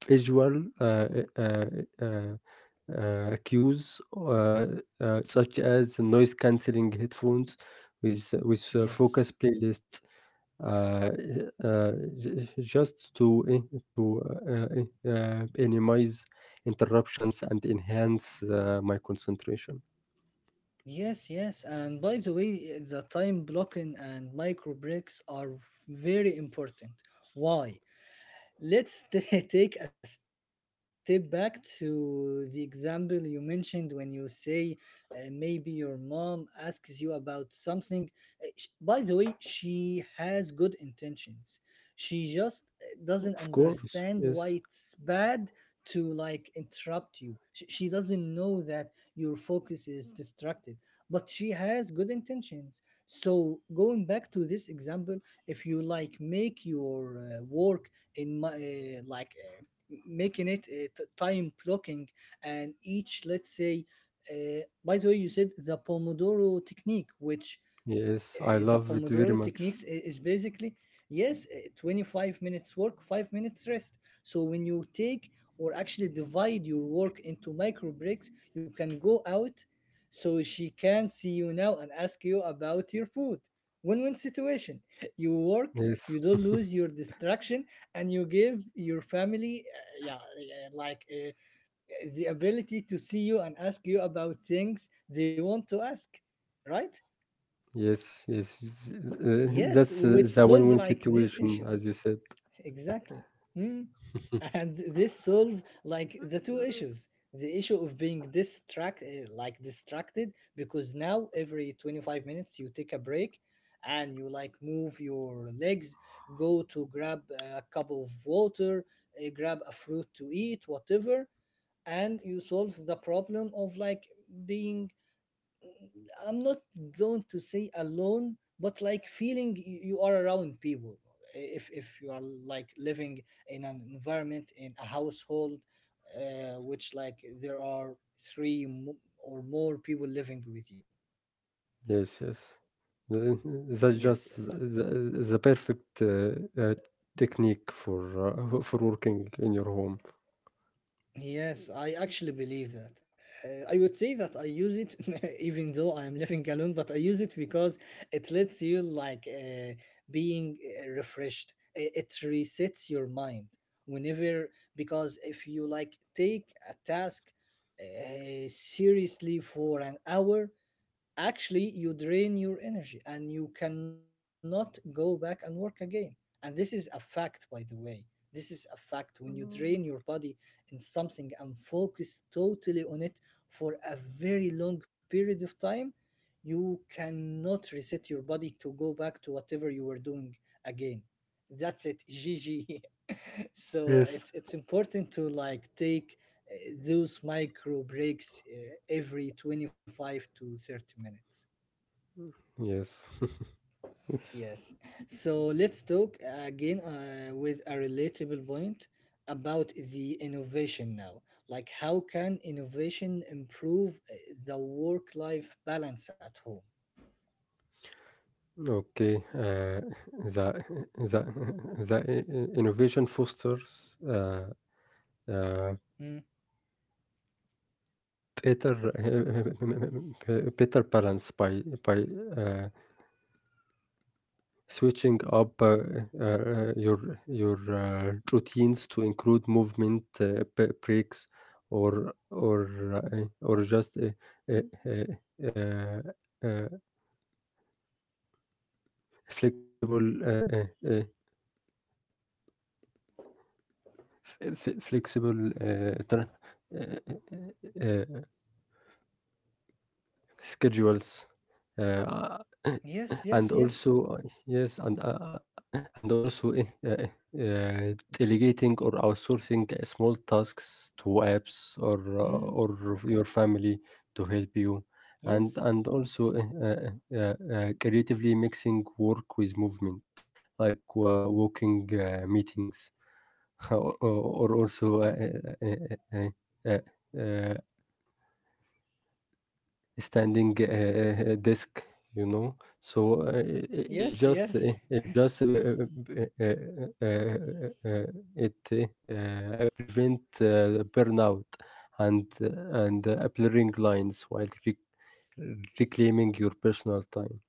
[SPEAKER 2] visual uh, uh, uh, uh, uh, cues, uh, uh, such as noise cancelling headphones with with uh,
[SPEAKER 1] yes.
[SPEAKER 2] focus playlists, uh, uh, j- just to eh, to uh, eh, uh, minimize interruptions and enhance uh, my concentration.
[SPEAKER 1] Yes, yes. And by the way, the time blocking and micro breaks are very important. Why? Let's t- take a step back to the example you mentioned when you say uh, maybe your mom asks you about something. Uh, sh- By the way, she has good intentions. She just uh, doesn't
[SPEAKER 2] Of course,
[SPEAKER 1] understand
[SPEAKER 2] yes,
[SPEAKER 1] why it's bad to like interrupt you. Sh- She doesn't know that your focus is distracted, but she has good intentions. So, going back to this example, if you like make your uh, work in my uh, like uh, making it uh, t- time blocking, and each let's say uh, by the way you said the Pomodoro technique, which
[SPEAKER 2] yes, I
[SPEAKER 1] uh, the
[SPEAKER 2] love it very
[SPEAKER 1] Pomodoro
[SPEAKER 2] much.
[SPEAKER 1] techniques i- is basically, yes, uh, twenty-five minutes work, five minutes rest. So when you take, or actually divide your work into micro breaks, you can go out, so she can see you now and ask you about your food. Win win situation. You work,
[SPEAKER 2] Yes,
[SPEAKER 1] you don't lose your distraction, and you give your family, uh, yeah, uh, like uh, the ability to see you and ask you about things they want to ask, right?
[SPEAKER 2] yes, yes. s- Uh,
[SPEAKER 1] Yes,
[SPEAKER 2] that's
[SPEAKER 1] which
[SPEAKER 2] uh, the
[SPEAKER 1] solve
[SPEAKER 2] win-win
[SPEAKER 1] like this
[SPEAKER 2] situation,
[SPEAKER 1] issue.
[SPEAKER 2] as you said.
[SPEAKER 1] Exactly. Mm. And this solve like the two issues. The issue of being distract eh, like distracted, because now every twenty-five minutes you take a break and you like move your legs, go to grab a cup of water, eh, grab a fruit to eat, whatever. And you solve the problem of like being, I'm not going to say alone, but like feeling y- you are around people. If if you are like living in an environment in a household, uh, which like there are three mo- or more people living with you.
[SPEAKER 2] Yes, yes. Uh,
[SPEAKER 1] Yes,
[SPEAKER 2] That's
[SPEAKER 1] yes.
[SPEAKER 2] just the, the perfect uh, uh, technique for uh, for working in your home.
[SPEAKER 1] Yes, I actually believe that. Uh, I would say that I use it even though I am living alone, but I use it because it lets you like uh, being uh, refreshed. I- It resets your mind whenever, because if you like take a task uh, seriously for an hour, actually you drain your energy and you cannot go back and work again. And this is a fact, by the way. This is a fact: when you drain
[SPEAKER 2] Mm.
[SPEAKER 1] your body in something and focus totally on it for a very long period of time, you cannot reset your body to go back to whatever you were doing again. That's it, gg. So
[SPEAKER 2] Yes,
[SPEAKER 1] it's it's important to like take uh, those micro breaks uh, every twenty-five to thirty minutes.
[SPEAKER 2] yes.
[SPEAKER 1] Yes. So let's talk uh, again uh, with a relatable point about the innovation now. Like, how can innovation improve uh, the work life balance at home?
[SPEAKER 2] Okay. Uh, the the the i- innovation fosters uh, uh,
[SPEAKER 1] Mm.
[SPEAKER 2] better better balance by by. Uh, switching up uh, uh, your your uh, routines to include movement uh, b- breaks or or uh, or just a, a, a, a, a flexible uh, uh, uh, f- f- flexible uh, tra- uh, uh, uh, schedules, uh,
[SPEAKER 1] Yes, yes,
[SPEAKER 2] and
[SPEAKER 1] yes.
[SPEAKER 2] also, uh, yes, and uh, uh, and also eh, uh, eh, uh, delegating or outsourcing small tasks to apps or
[SPEAKER 1] Mm.
[SPEAKER 2] uh, or of your family to help you, and
[SPEAKER 1] Yes,
[SPEAKER 2] and also eh, uh, uh, uh, creatively mixing work with movement, like uh, walking uh, meetings, or, or also. Uh, uh, uh, uh, uh, uh, standing uh, uh, uh, desk, you know? So, uh, it it just
[SPEAKER 1] yes,
[SPEAKER 2] it it
[SPEAKER 1] yes.
[SPEAKER 2] just uh, uh, uh, uh, uh, uh, uh, it, uh, uh, prevent uh, burnout and uh, and, uh, blurring lines while rec reclaiming your personal time.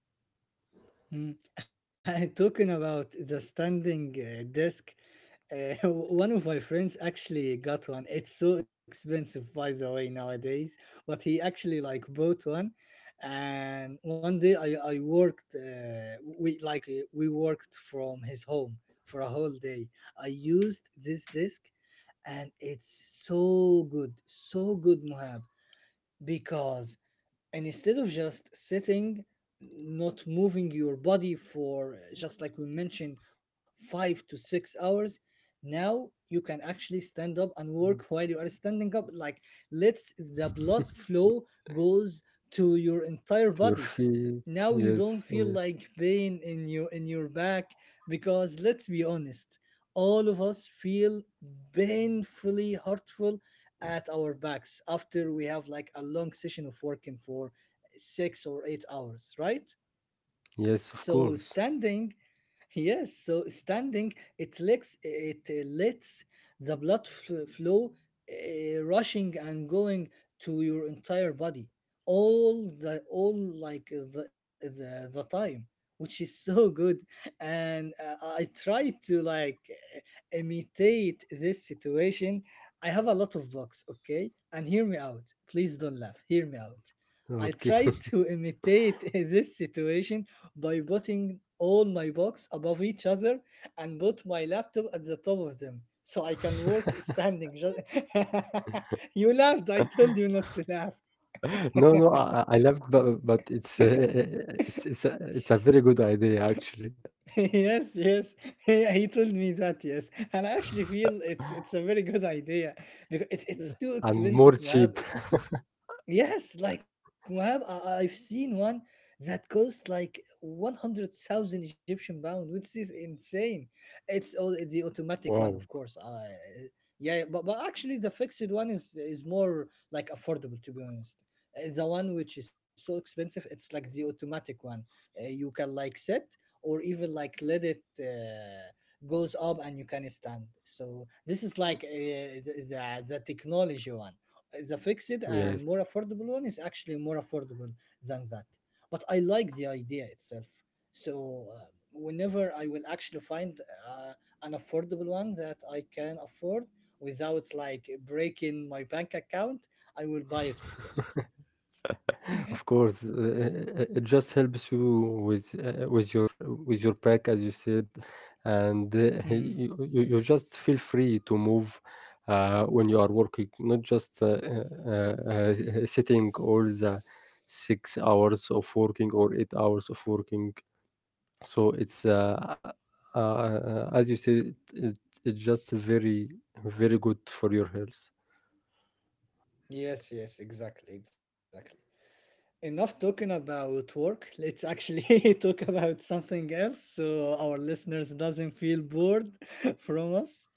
[SPEAKER 1] Mm. Talking about the standing uh, desk, uh, one of my friends actually got one. It's so expensive, by the way, nowadays. But he actually like bought one, and one day I I worked. Uh, we like uh, we worked from his home for a whole day. I used this desk, and it's so good, so good, Mohab, because, and instead of just sitting, not moving your body for uh, just like we mentioned, five to six hours, now you can actually stand up and work
[SPEAKER 2] Mm.
[SPEAKER 1] while you are standing up, like, let's the blood flow goes to your entire
[SPEAKER 2] Your
[SPEAKER 1] body.
[SPEAKER 2] feet.
[SPEAKER 1] Now you don't
[SPEAKER 2] Yes,
[SPEAKER 1] feel
[SPEAKER 2] yes.
[SPEAKER 1] like pain in your in your back, because let's be honest, all of us feel painfully hurtful at our backs after we have like a long session of working for six or eight hours, right?
[SPEAKER 2] Yes, of
[SPEAKER 1] So
[SPEAKER 2] course.
[SPEAKER 1] standing. Yes, so standing, it lets it uh, lets the blood f- flow uh, rushing and going to your entire body all the all like uh, the the, the time, which is so good. And uh, I try to like uh, imitate this situation. I have a lot of bugs, okay? And hear me out. Please don't laugh. Hear me out. I
[SPEAKER 2] Okay.
[SPEAKER 1] try to imitate this situation by putting all my books above each other and put my laptop at the top of them so I can work standing. Just you laughed. I told you not to laugh.
[SPEAKER 2] No, no, I I I love, but but it's, uh, uh, uh, it's it's a it's a very good idea, actually.
[SPEAKER 1] Yes, yes. Yeah, he told me that. Yes, and I actually feel it's it's a very good idea because it, it's too
[SPEAKER 2] I'm more
[SPEAKER 1] expensive, Moab.
[SPEAKER 2] cheap.
[SPEAKER 1] Yes, like Muhab, I- I've seen one that cost like one hundred thousand Egyptian pound, which is insane. It's all the automatic one, of
[SPEAKER 2] Wow.
[SPEAKER 1] course. Uh, yeah, yeah, but, but actually the fixed one is is more like affordable, to be honest. Uh, The one which is so expensive, it's like the automatic one. Uh, you can like set or even like let it uh, goes up and you can stand. So this is like uh, the, the the technology one. The fixed
[SPEAKER 2] Yes,
[SPEAKER 1] and more affordable one is actually more affordable than that. But I like the idea itself. So uh, whenever I will actually find uh, an affordable one that I can afford without like breaking my bank account, I will buy it, of course.
[SPEAKER 2] of course. Uh, uh, uh, it just helps you with uh, with your with your pack, as you said, and uh,
[SPEAKER 1] Hmm.
[SPEAKER 2] you, you you just feel free to move uh, when you are working, not just uh, uh, uh, sitting all the six hours of working or eight hours of working. So it's uh, uh, uh, as you say it, it, it's just very, very good for your health.
[SPEAKER 1] Yes, yes, exactly, exactly. Enough talking about work. Let's actually talk about something else so our listeners doesn't feel bored from us.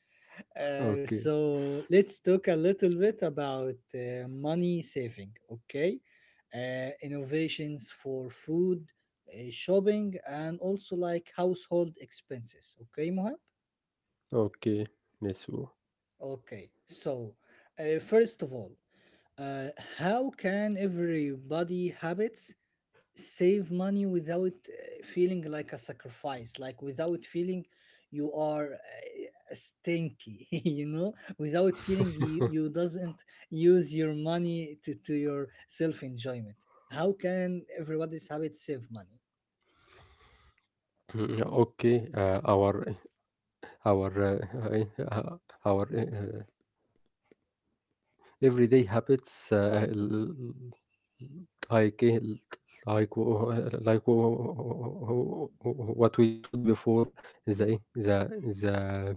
[SPEAKER 1] Uh,
[SPEAKER 2] Okay,
[SPEAKER 1] so let's talk a little bit about uh, money saving, okay? Uh, innovations for food, uh, shopping, and also like household expenses, okay, Mohab?
[SPEAKER 2] okay, Nesu.
[SPEAKER 1] Okay, so uh, first of all, uh, how can everybody habits save money without uh, feeling like a sacrifice, like without feeling you are uh, stinky, you know, without feeling you, you doesn't use your money to, to your self enjoyment. How can everybody's habit save money?
[SPEAKER 2] Mm, okay, uh, our our uh, uh, our uh, everyday habits uh, Like eh, like w- like w- what we taught before, the eh, the the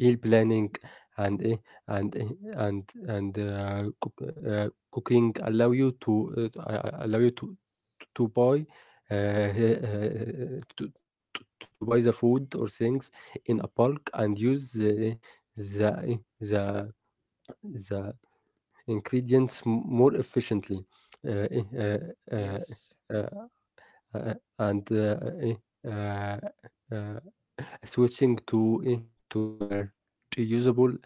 [SPEAKER 2] meal planning and eh, and eh, and and uh, cook, uh, cooking allow you to uh, uh, allow you to to buy uh, uh, to, to to buy the food or things in a bulk and use the the the the ingredients m- more efficiently. Uh, eh, uh, uh,
[SPEAKER 1] Yes,
[SPEAKER 2] uh, uh, uh, and uh, eh, uh, uh, Switching to eh, to uh, reusable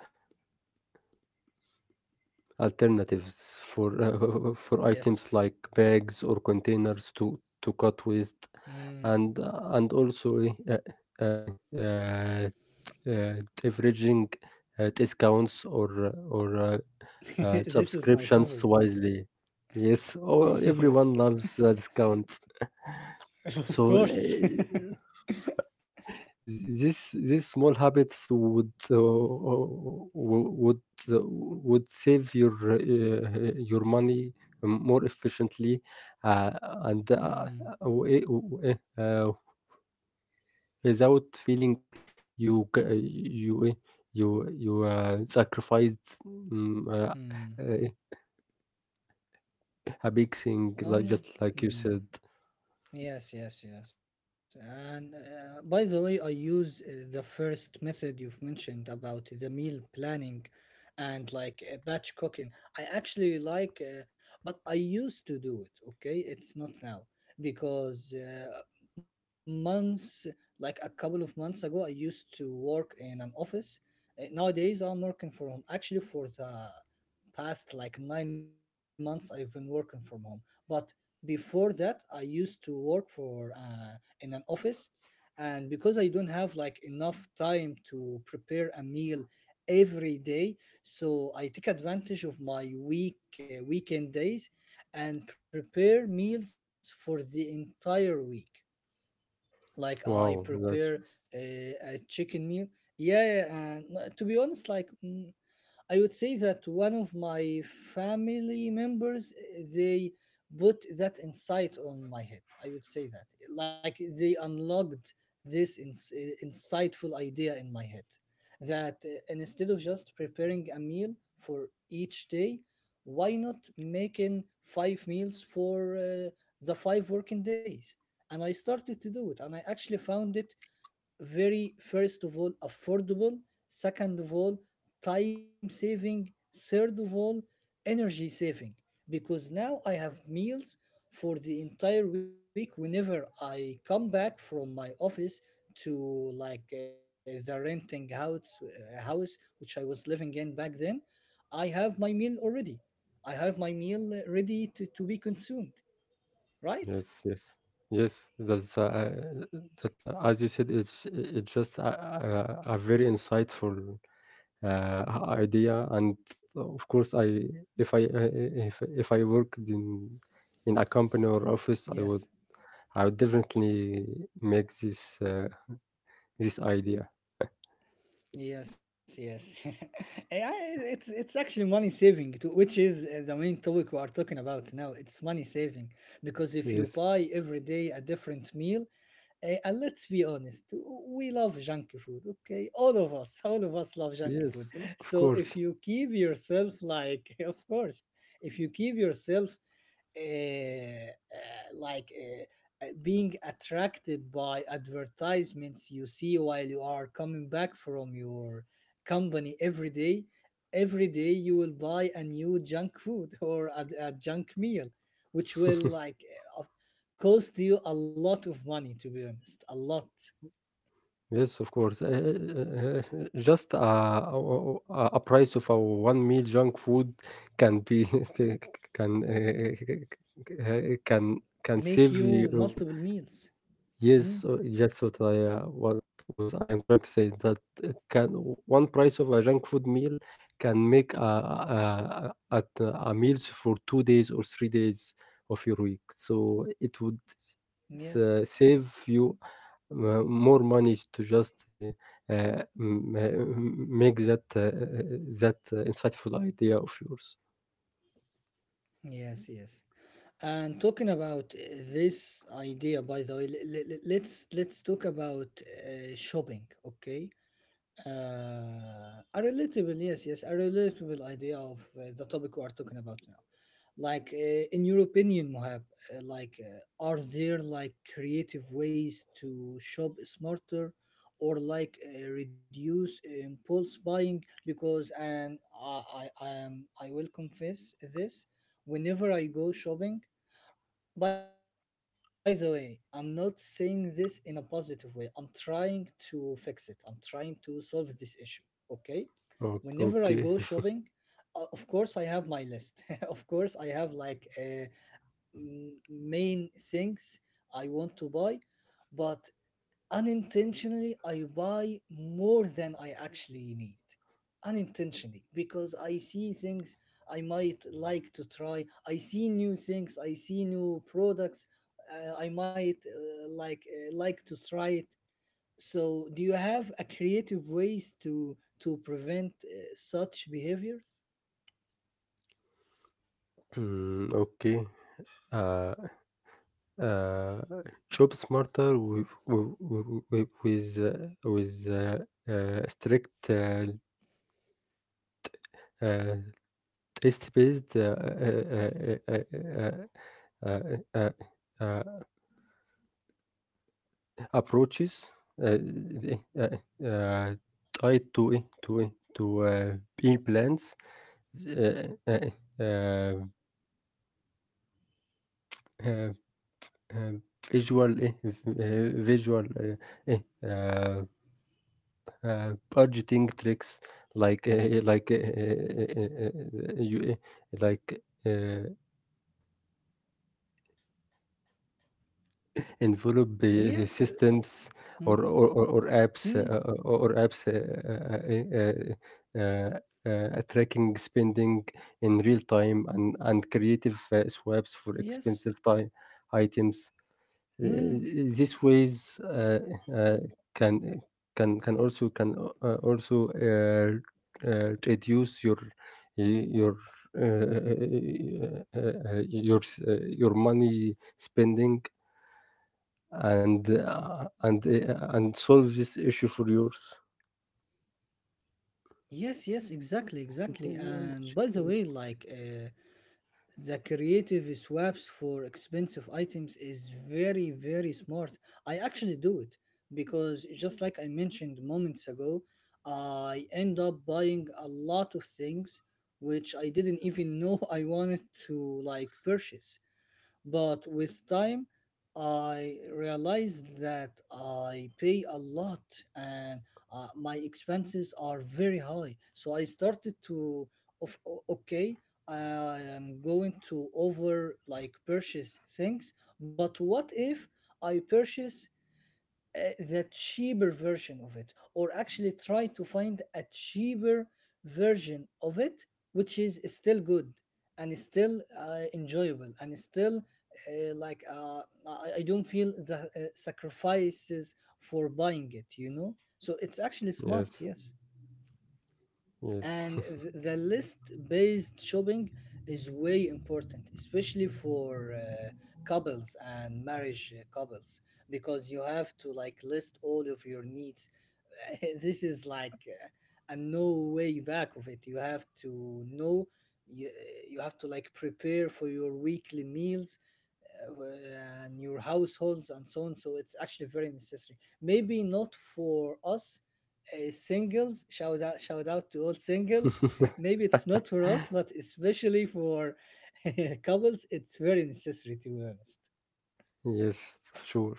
[SPEAKER 2] alternatives for uh, for items
[SPEAKER 1] yes.
[SPEAKER 2] like bags or containers to to cut waste,
[SPEAKER 1] Mm.
[SPEAKER 2] and and also eh, uh, uh, uh, t- uh, leveraging uh, discounts or or uh, uh,
[SPEAKER 1] This is my
[SPEAKER 2] subscriptions
[SPEAKER 1] favorite.
[SPEAKER 2] wisely. Yes, oh, everyone
[SPEAKER 1] Yes.
[SPEAKER 2] loves uh, discounts. So,
[SPEAKER 1] Of course.
[SPEAKER 2] uh, this these small habits would uh, wo- would uh, would save your uh, your money more efficiently, uh, and uh,
[SPEAKER 1] Mm,
[SPEAKER 2] w- eh, w- eh, uh, without feeling you c- you eh, you you uh, sacrificed mm, uh, uh,
[SPEAKER 1] mm,
[SPEAKER 2] a big thing, like just
[SPEAKER 1] oh
[SPEAKER 2] like you
[SPEAKER 1] no.
[SPEAKER 2] said.
[SPEAKER 1] Mm. Yes, yes, yes. And uh, by the way, I use uh, the first method you've mentioned about the meal planning and like uh, batch cooking. I actually like, uh, but I used to do it, okay? It's not now because uh, months, like a couple of months ago, I used to work in an office. Uh, nowadays, I'm working from, actually, for the past like nine months I've been working from home. But before that I used to work for uh, in an office. And because I don't have like enough time to prepare a meal every day, so I take advantage of my week uh, weekend days and prepare meals for the entire week. Like I
[SPEAKER 2] Wow,
[SPEAKER 1] prepare
[SPEAKER 2] that's just
[SPEAKER 1] a, a chicken meal. Yeah, and uh, to be honest, like mm, I would say that one of my family members eh, they put that insight on my head. I would say that like they unlocked this ins- eh, insightful idea in my head, that eh, instead of just preparing a meal for each day, why not making five meals for uh, the five working days? And I started to do it, and I actually found it, very, first of all, affordable; second of all, time saving; third of all, energy saving, because now I have meals for the entire week. Whenever I come back from my office to like uh, the renting house, uh, house which I was living in back then, I have my meal already. I have my meal uh, ready to, to be consumed, right?
[SPEAKER 2] yes, yes, yes. That's uh, that, uh, as you said, it's it's just a, a, a very insightful uh, idea, and of course, I if I uh, if if I worked in in a company or office, I would
[SPEAKER 1] Yes.
[SPEAKER 2] I would definitely make this uh, this idea.
[SPEAKER 1] Yes, yes. A I, it's it's actually money saving too, which is uh, the main topic we are talking about now. It's money saving because if you
[SPEAKER 2] Yes,
[SPEAKER 1] buy every day a different meal, uh, and let's be honest, we love junk food. Okay, all of us, all of us love junk food.
[SPEAKER 2] yes,
[SPEAKER 1] So
[SPEAKER 2] of
[SPEAKER 1] if
[SPEAKER 2] course.
[SPEAKER 1] you keep yourself like, of course, if you keep yourself uh, like uh, uh, being attracted by advertisements you see while you are coming back from your company every day, every day you will buy a new junk food or a, a junk meal, which will like uh, cost you a lot of money, to be honest, a lot.
[SPEAKER 2] Yes, of course. Uh, Just a, a, a price of a one meal junk food can be can uh, uh, can can
[SPEAKER 1] Make
[SPEAKER 2] save
[SPEAKER 1] you
[SPEAKER 2] you.
[SPEAKER 1] multiple meals. Hmm?
[SPEAKER 2] Yes, uh, yes. What I uh, what was I am trying to say, that uh, can one price of a junk food meal can make a a, a, at uh, a meals for two days or three days of your week. So it would
[SPEAKER 1] Yes,
[SPEAKER 2] s- save you m more money to just, uh, uh, m m make that, uh, that uh, insightful idea of yours.
[SPEAKER 1] yes, yes. And talking about uh, this idea, by the way, l- l- l- let's let's talk about uh, shopping, okay? Uh, a relatable, yes, yes, a relatable idea of uh, the topic we are talking about now. Like, uh, in your opinion, Mohab, uh, like, uh, are there like creative ways to shop smarter, or like uh, reduce impulse buying? Because, and I, I, I am, I will confess this, whenever I go shopping. By the way, I'm not saying this in a positive way. I'm trying to fix it. I'm trying to solve this issue. Okay? Whenever I go
[SPEAKER 2] O
[SPEAKER 1] shopping,
[SPEAKER 2] okay.
[SPEAKER 1] uh, of course I have my list. Of course I have like uh, m- main things I want to buy, but unintentionally I buy more than I actually need. Unintentionally, because I see things I might like to try. I see new things, I see new products uh, I might uh, like uh, like to try it. So do you have a creative ways to to prevent uh, such behaviors?
[SPEAKER 2] Mm, okay. Uh, uh, Job smarter with w w with, uh, with, uh, uh, strict, uh, uh, taste-based, uh, uh, uh, uh, uh, uh, uh, uh, uh approaches uh, uh, uh, tied to eh, to eh, to uh, B plans, uh, uh, uh, uh, uh, visual eh, v- uh, visual uh, eh, uh, uh, budgeting tricks like uh, like uh, uh, uh, uh, you eh, like. Uh, Envelop uh,
[SPEAKER 1] Yes. uh,
[SPEAKER 2] systems
[SPEAKER 1] Mm,
[SPEAKER 2] or or or or apps
[SPEAKER 1] mm,
[SPEAKER 2] uh, uh, or apps uh, uh, uh, uh, uh, tracking spending in real time, and and creative uh, swaps for
[SPEAKER 1] yes.
[SPEAKER 2] expensive time items. Uh,
[SPEAKER 1] Hmm.
[SPEAKER 2] These ways uh, uh, can can can also can uh, also uh, uh, reduce your your uh, uh, uh, your s- uh, your money spending, and uh, and uh, and solve this issue for yours.
[SPEAKER 1] Yes, yes, exactly, exactly. And by the way, like uh, the creative swaps for expensive items is very very smart. I actually do it because just like I mentioned moments ago, I end up buying a lot of things which I didn't even know I wanted to like purchase. But with time, I realized that I pay a lot and uh, my expenses are very high. So I started to, of, o- okay, I am going to over like purchase things, but what if I purchase uh, the cheaper version of it, or actually try to find a cheaper version of it which is still good and is still uh, enjoyable and is still uh, like uh, I, I don't feel the uh, sacrifices for buying it, you know, so it's actually smart.
[SPEAKER 2] Yes,
[SPEAKER 1] Yes.
[SPEAKER 2] yes,
[SPEAKER 1] And th- the list based shopping is way important, especially for uh, couples and marriage uh, couples, because you have to like list all of your needs. This is like uh, a no way back of it. You have to know, you, you have to like prepare for your weekly meals uh, and your households and so on. So it's actually very necessary. Maybe not for us uh, singles. Shout out, shout out to all singles. Maybe it's not for us, but especially for couples, it's very necessary, to be honest.
[SPEAKER 2] yes, sure.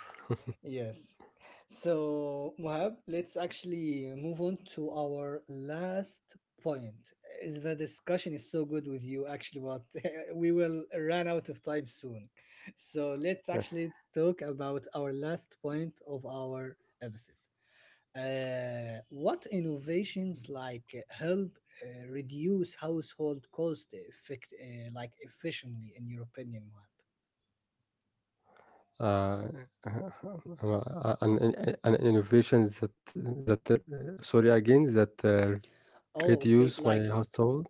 [SPEAKER 1] Yes. So, Mohab, let's actually move on to our last point. Is The discussion is so good with you, actually, but we will run out of time soon. So, let's actually talk about our last point of our episode. Uh, what innovations like uh, help uh, reduce household cost effect, uh, like efficiently, in your opinion, Mohab?
[SPEAKER 2] Uh, uh, uh, an, an, an innovation that that uh, sorry again, that uh,
[SPEAKER 1] Oh, okay.
[SPEAKER 2] reduce my
[SPEAKER 1] Like
[SPEAKER 2] household.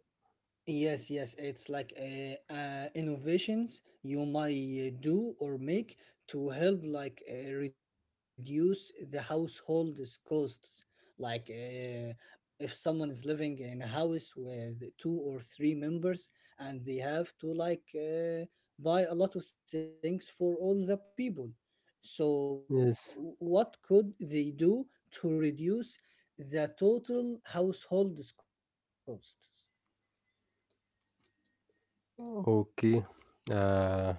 [SPEAKER 1] yes, yes, it's like uh, uh, innovations you might uh, do or make to help like uh, reduce the household's costs. Like uh, if someone is living in a house with two or three members and they have to like uh, buy a lot of things for all the people. So
[SPEAKER 2] Yes.
[SPEAKER 1] w- what could they do to reduce the total household's costs?
[SPEAKER 2] Okay. Uh,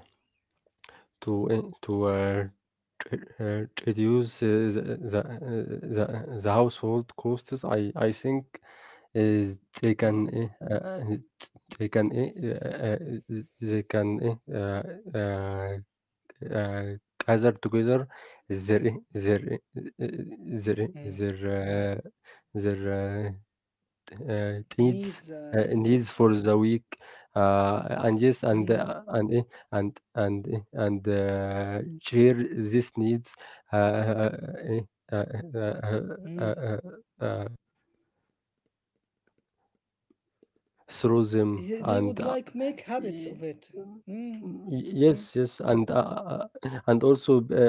[SPEAKER 2] to in- to uh, re- uh, reduce uh, the the, uh, the uh, the household costs, I I think Eh,
[SPEAKER 1] Mm,
[SPEAKER 2] they can, eh, uh, it's- they can, eh, uh, uh, they can, eh, uh, uh, uh, gather together their, eh, their, eh, eh,
[SPEAKER 1] mm.
[SPEAKER 2] their, eh, their, uh, their uh, t-
[SPEAKER 1] Needs
[SPEAKER 2] uh,
[SPEAKER 1] and
[SPEAKER 2] needs, uh, needs for the week,
[SPEAKER 1] mm,
[SPEAKER 2] uh, and yes, and uh, and eh, and and eh, and uh, share these needs uh, eh, uh,
[SPEAKER 1] mm.
[SPEAKER 2] uh, uh, uh, uh, uh,
[SPEAKER 1] They they
[SPEAKER 2] through
[SPEAKER 1] would like
[SPEAKER 2] them,
[SPEAKER 1] make
[SPEAKER 2] and
[SPEAKER 1] habits
[SPEAKER 2] uh,
[SPEAKER 1] of it.
[SPEAKER 2] Y
[SPEAKER 1] Mm,
[SPEAKER 2] um,
[SPEAKER 1] mm,
[SPEAKER 2] mm, y yes, yes, and, uh uh uh, and also, b uh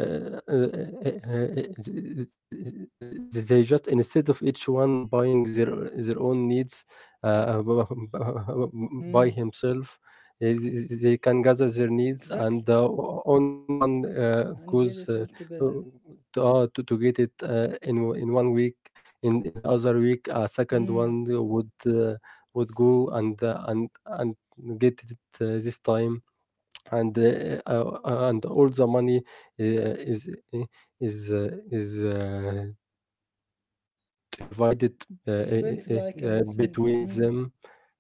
[SPEAKER 2] uh uh, uh, th th th they just, instead of each one buying their their own needs uh, uh, b-
[SPEAKER 1] mm.
[SPEAKER 2] b- by himself, eh, th th they can gather their
[SPEAKER 1] Exactly.
[SPEAKER 2] needs, and, uh, o only one,
[SPEAKER 1] And get
[SPEAKER 2] uh,
[SPEAKER 1] it all
[SPEAKER 2] goes, uh,
[SPEAKER 1] together.
[SPEAKER 2] uh, to, uh, to to get it, uh, in o in one week. In in the other week, a
[SPEAKER 1] Mm.
[SPEAKER 2] second one would, uh, would go and, uh, and and get it uh, this time, and uh, uh, uh, and all the money uh, is uh, is uh, is uh, divided uh, uh,
[SPEAKER 1] Spent like
[SPEAKER 2] uh,
[SPEAKER 1] in
[SPEAKER 2] uh,
[SPEAKER 1] a single.
[SPEAKER 2] between
[SPEAKER 1] Mm.
[SPEAKER 2] them.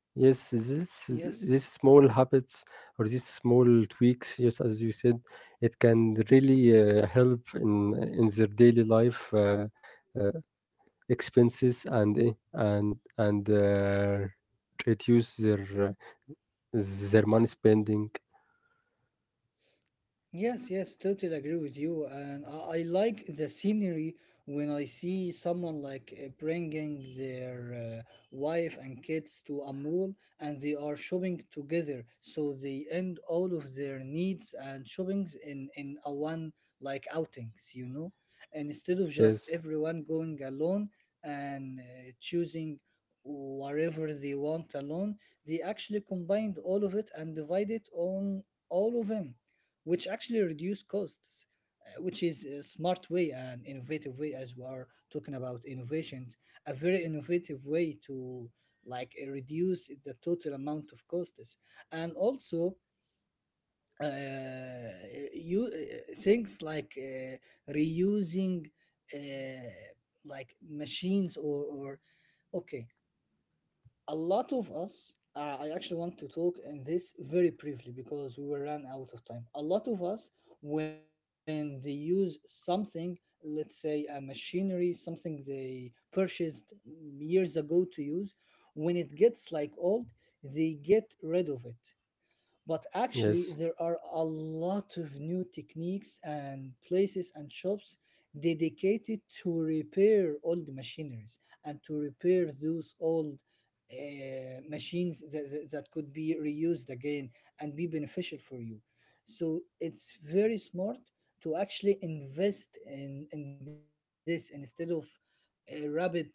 [SPEAKER 2] Yes, this
[SPEAKER 1] Yes.
[SPEAKER 2] this small habits or these small tweaks, yes, as you said, it can really uh, help in in their daily life uh, uh, expenses, and eh, and and uh, reduce their uh, their money spending,
[SPEAKER 1] Yes, yes, totally agree with you. And I, I like the scenery when I see someone like uh, bringing their uh, wife and kids to a mall and they are shopping together. So they end all of their needs and shoppings in, in a one like outings, you know? And instead of just
[SPEAKER 2] yes.
[SPEAKER 1] everyone going alone and uh, choosing whatever they want alone, they actually combined all of it and divided on all of them which actually reduce costs, uh, which is a smart way and innovative way as we are talking about innovations, a very innovative way to like uh, reduce the total amount of costs. And also uh, you uh, things like uh, reusing uh, like machines or, or okay, a lot of us uh, i actually want to talk in this very briefly because we were run out of time. A lot of us when they use something, let's say a machinery something they purchased years ago to use, when it gets like old, they get rid of it. But actually,
[SPEAKER 2] Yes,
[SPEAKER 1] there are a lot of new techniques and places and shops dedicated to repair old machineries and to repair those old uh, machines that, that, that could be reused again and be beneficial for you. So it's very smart to actually invest in, in this instead of uh, rapid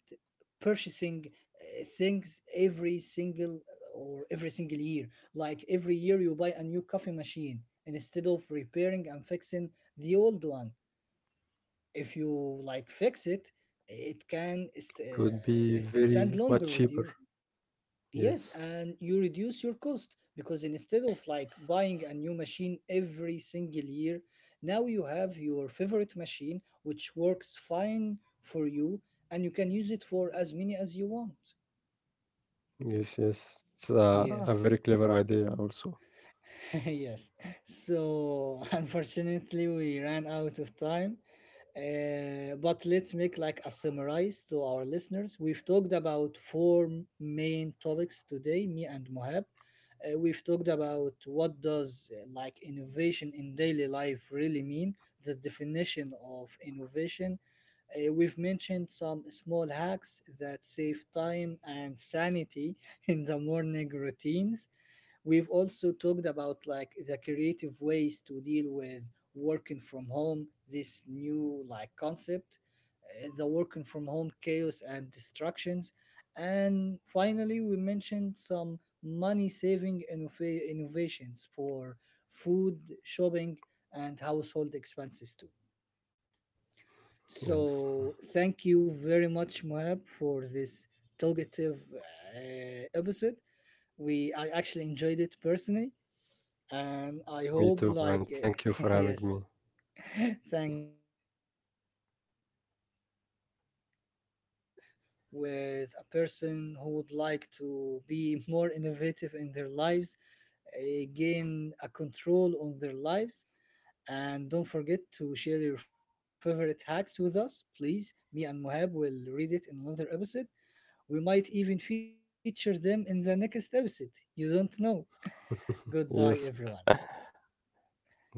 [SPEAKER 1] purchasing uh, things every single or every single year. Like every year, you buy a new coffee machine instead of repairing and fixing the old one. If you like fix it, it can st-
[SPEAKER 2] could be
[SPEAKER 1] uh, stand
[SPEAKER 2] very much
[SPEAKER 1] longer with
[SPEAKER 2] cheaper.
[SPEAKER 1] you. Yes,
[SPEAKER 2] Yes,
[SPEAKER 1] and you reduce your cost because instead of like buying a new machine every single year, now you have your favorite machine which works fine for you and you can use it for as many as you want.
[SPEAKER 2] yes, yes. It's a, a
[SPEAKER 1] Yes.
[SPEAKER 2] very clever idea, also.
[SPEAKER 1] Yes. So unfortunately, we ran out of time. Uh, but let's make like a summarize to our listeners. We've talked about four main topics today, me and Mohab. Uh, we've talked about what does uh, like innovation in daily life really mean, the definition of innovation. Uh, we've mentioned some small hacks that save time and sanity in the morning routines. We've also talked about like the creative ways to deal with working from home, this new like concept, uh, the working from home chaos and distractions. And finally, we mentioned some money saving innova- innovations for food, shopping, and household expenses too.
[SPEAKER 2] Yes,
[SPEAKER 1] So, thank you very much, Mohab, for this talkative uh, episode. We I actually enjoyed it personally, and I
[SPEAKER 2] me
[SPEAKER 1] hope
[SPEAKER 2] too. And
[SPEAKER 1] like
[SPEAKER 2] thank you for having
[SPEAKER 1] yes,
[SPEAKER 2] me.
[SPEAKER 1] thank you, and uh, I hope uh, you share this episode with a person who would like to be more innovative in their lives, uh, gain a control on their lives, and don't forget to share your favorite hacks with us, please. Me and Mohab will read it in another episode. We might even feature them in the next episode. You don't know. Goodbye, everyone.
[SPEAKER 2] Yes,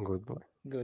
[SPEAKER 2] goodbye.
[SPEAKER 1] Goodbye.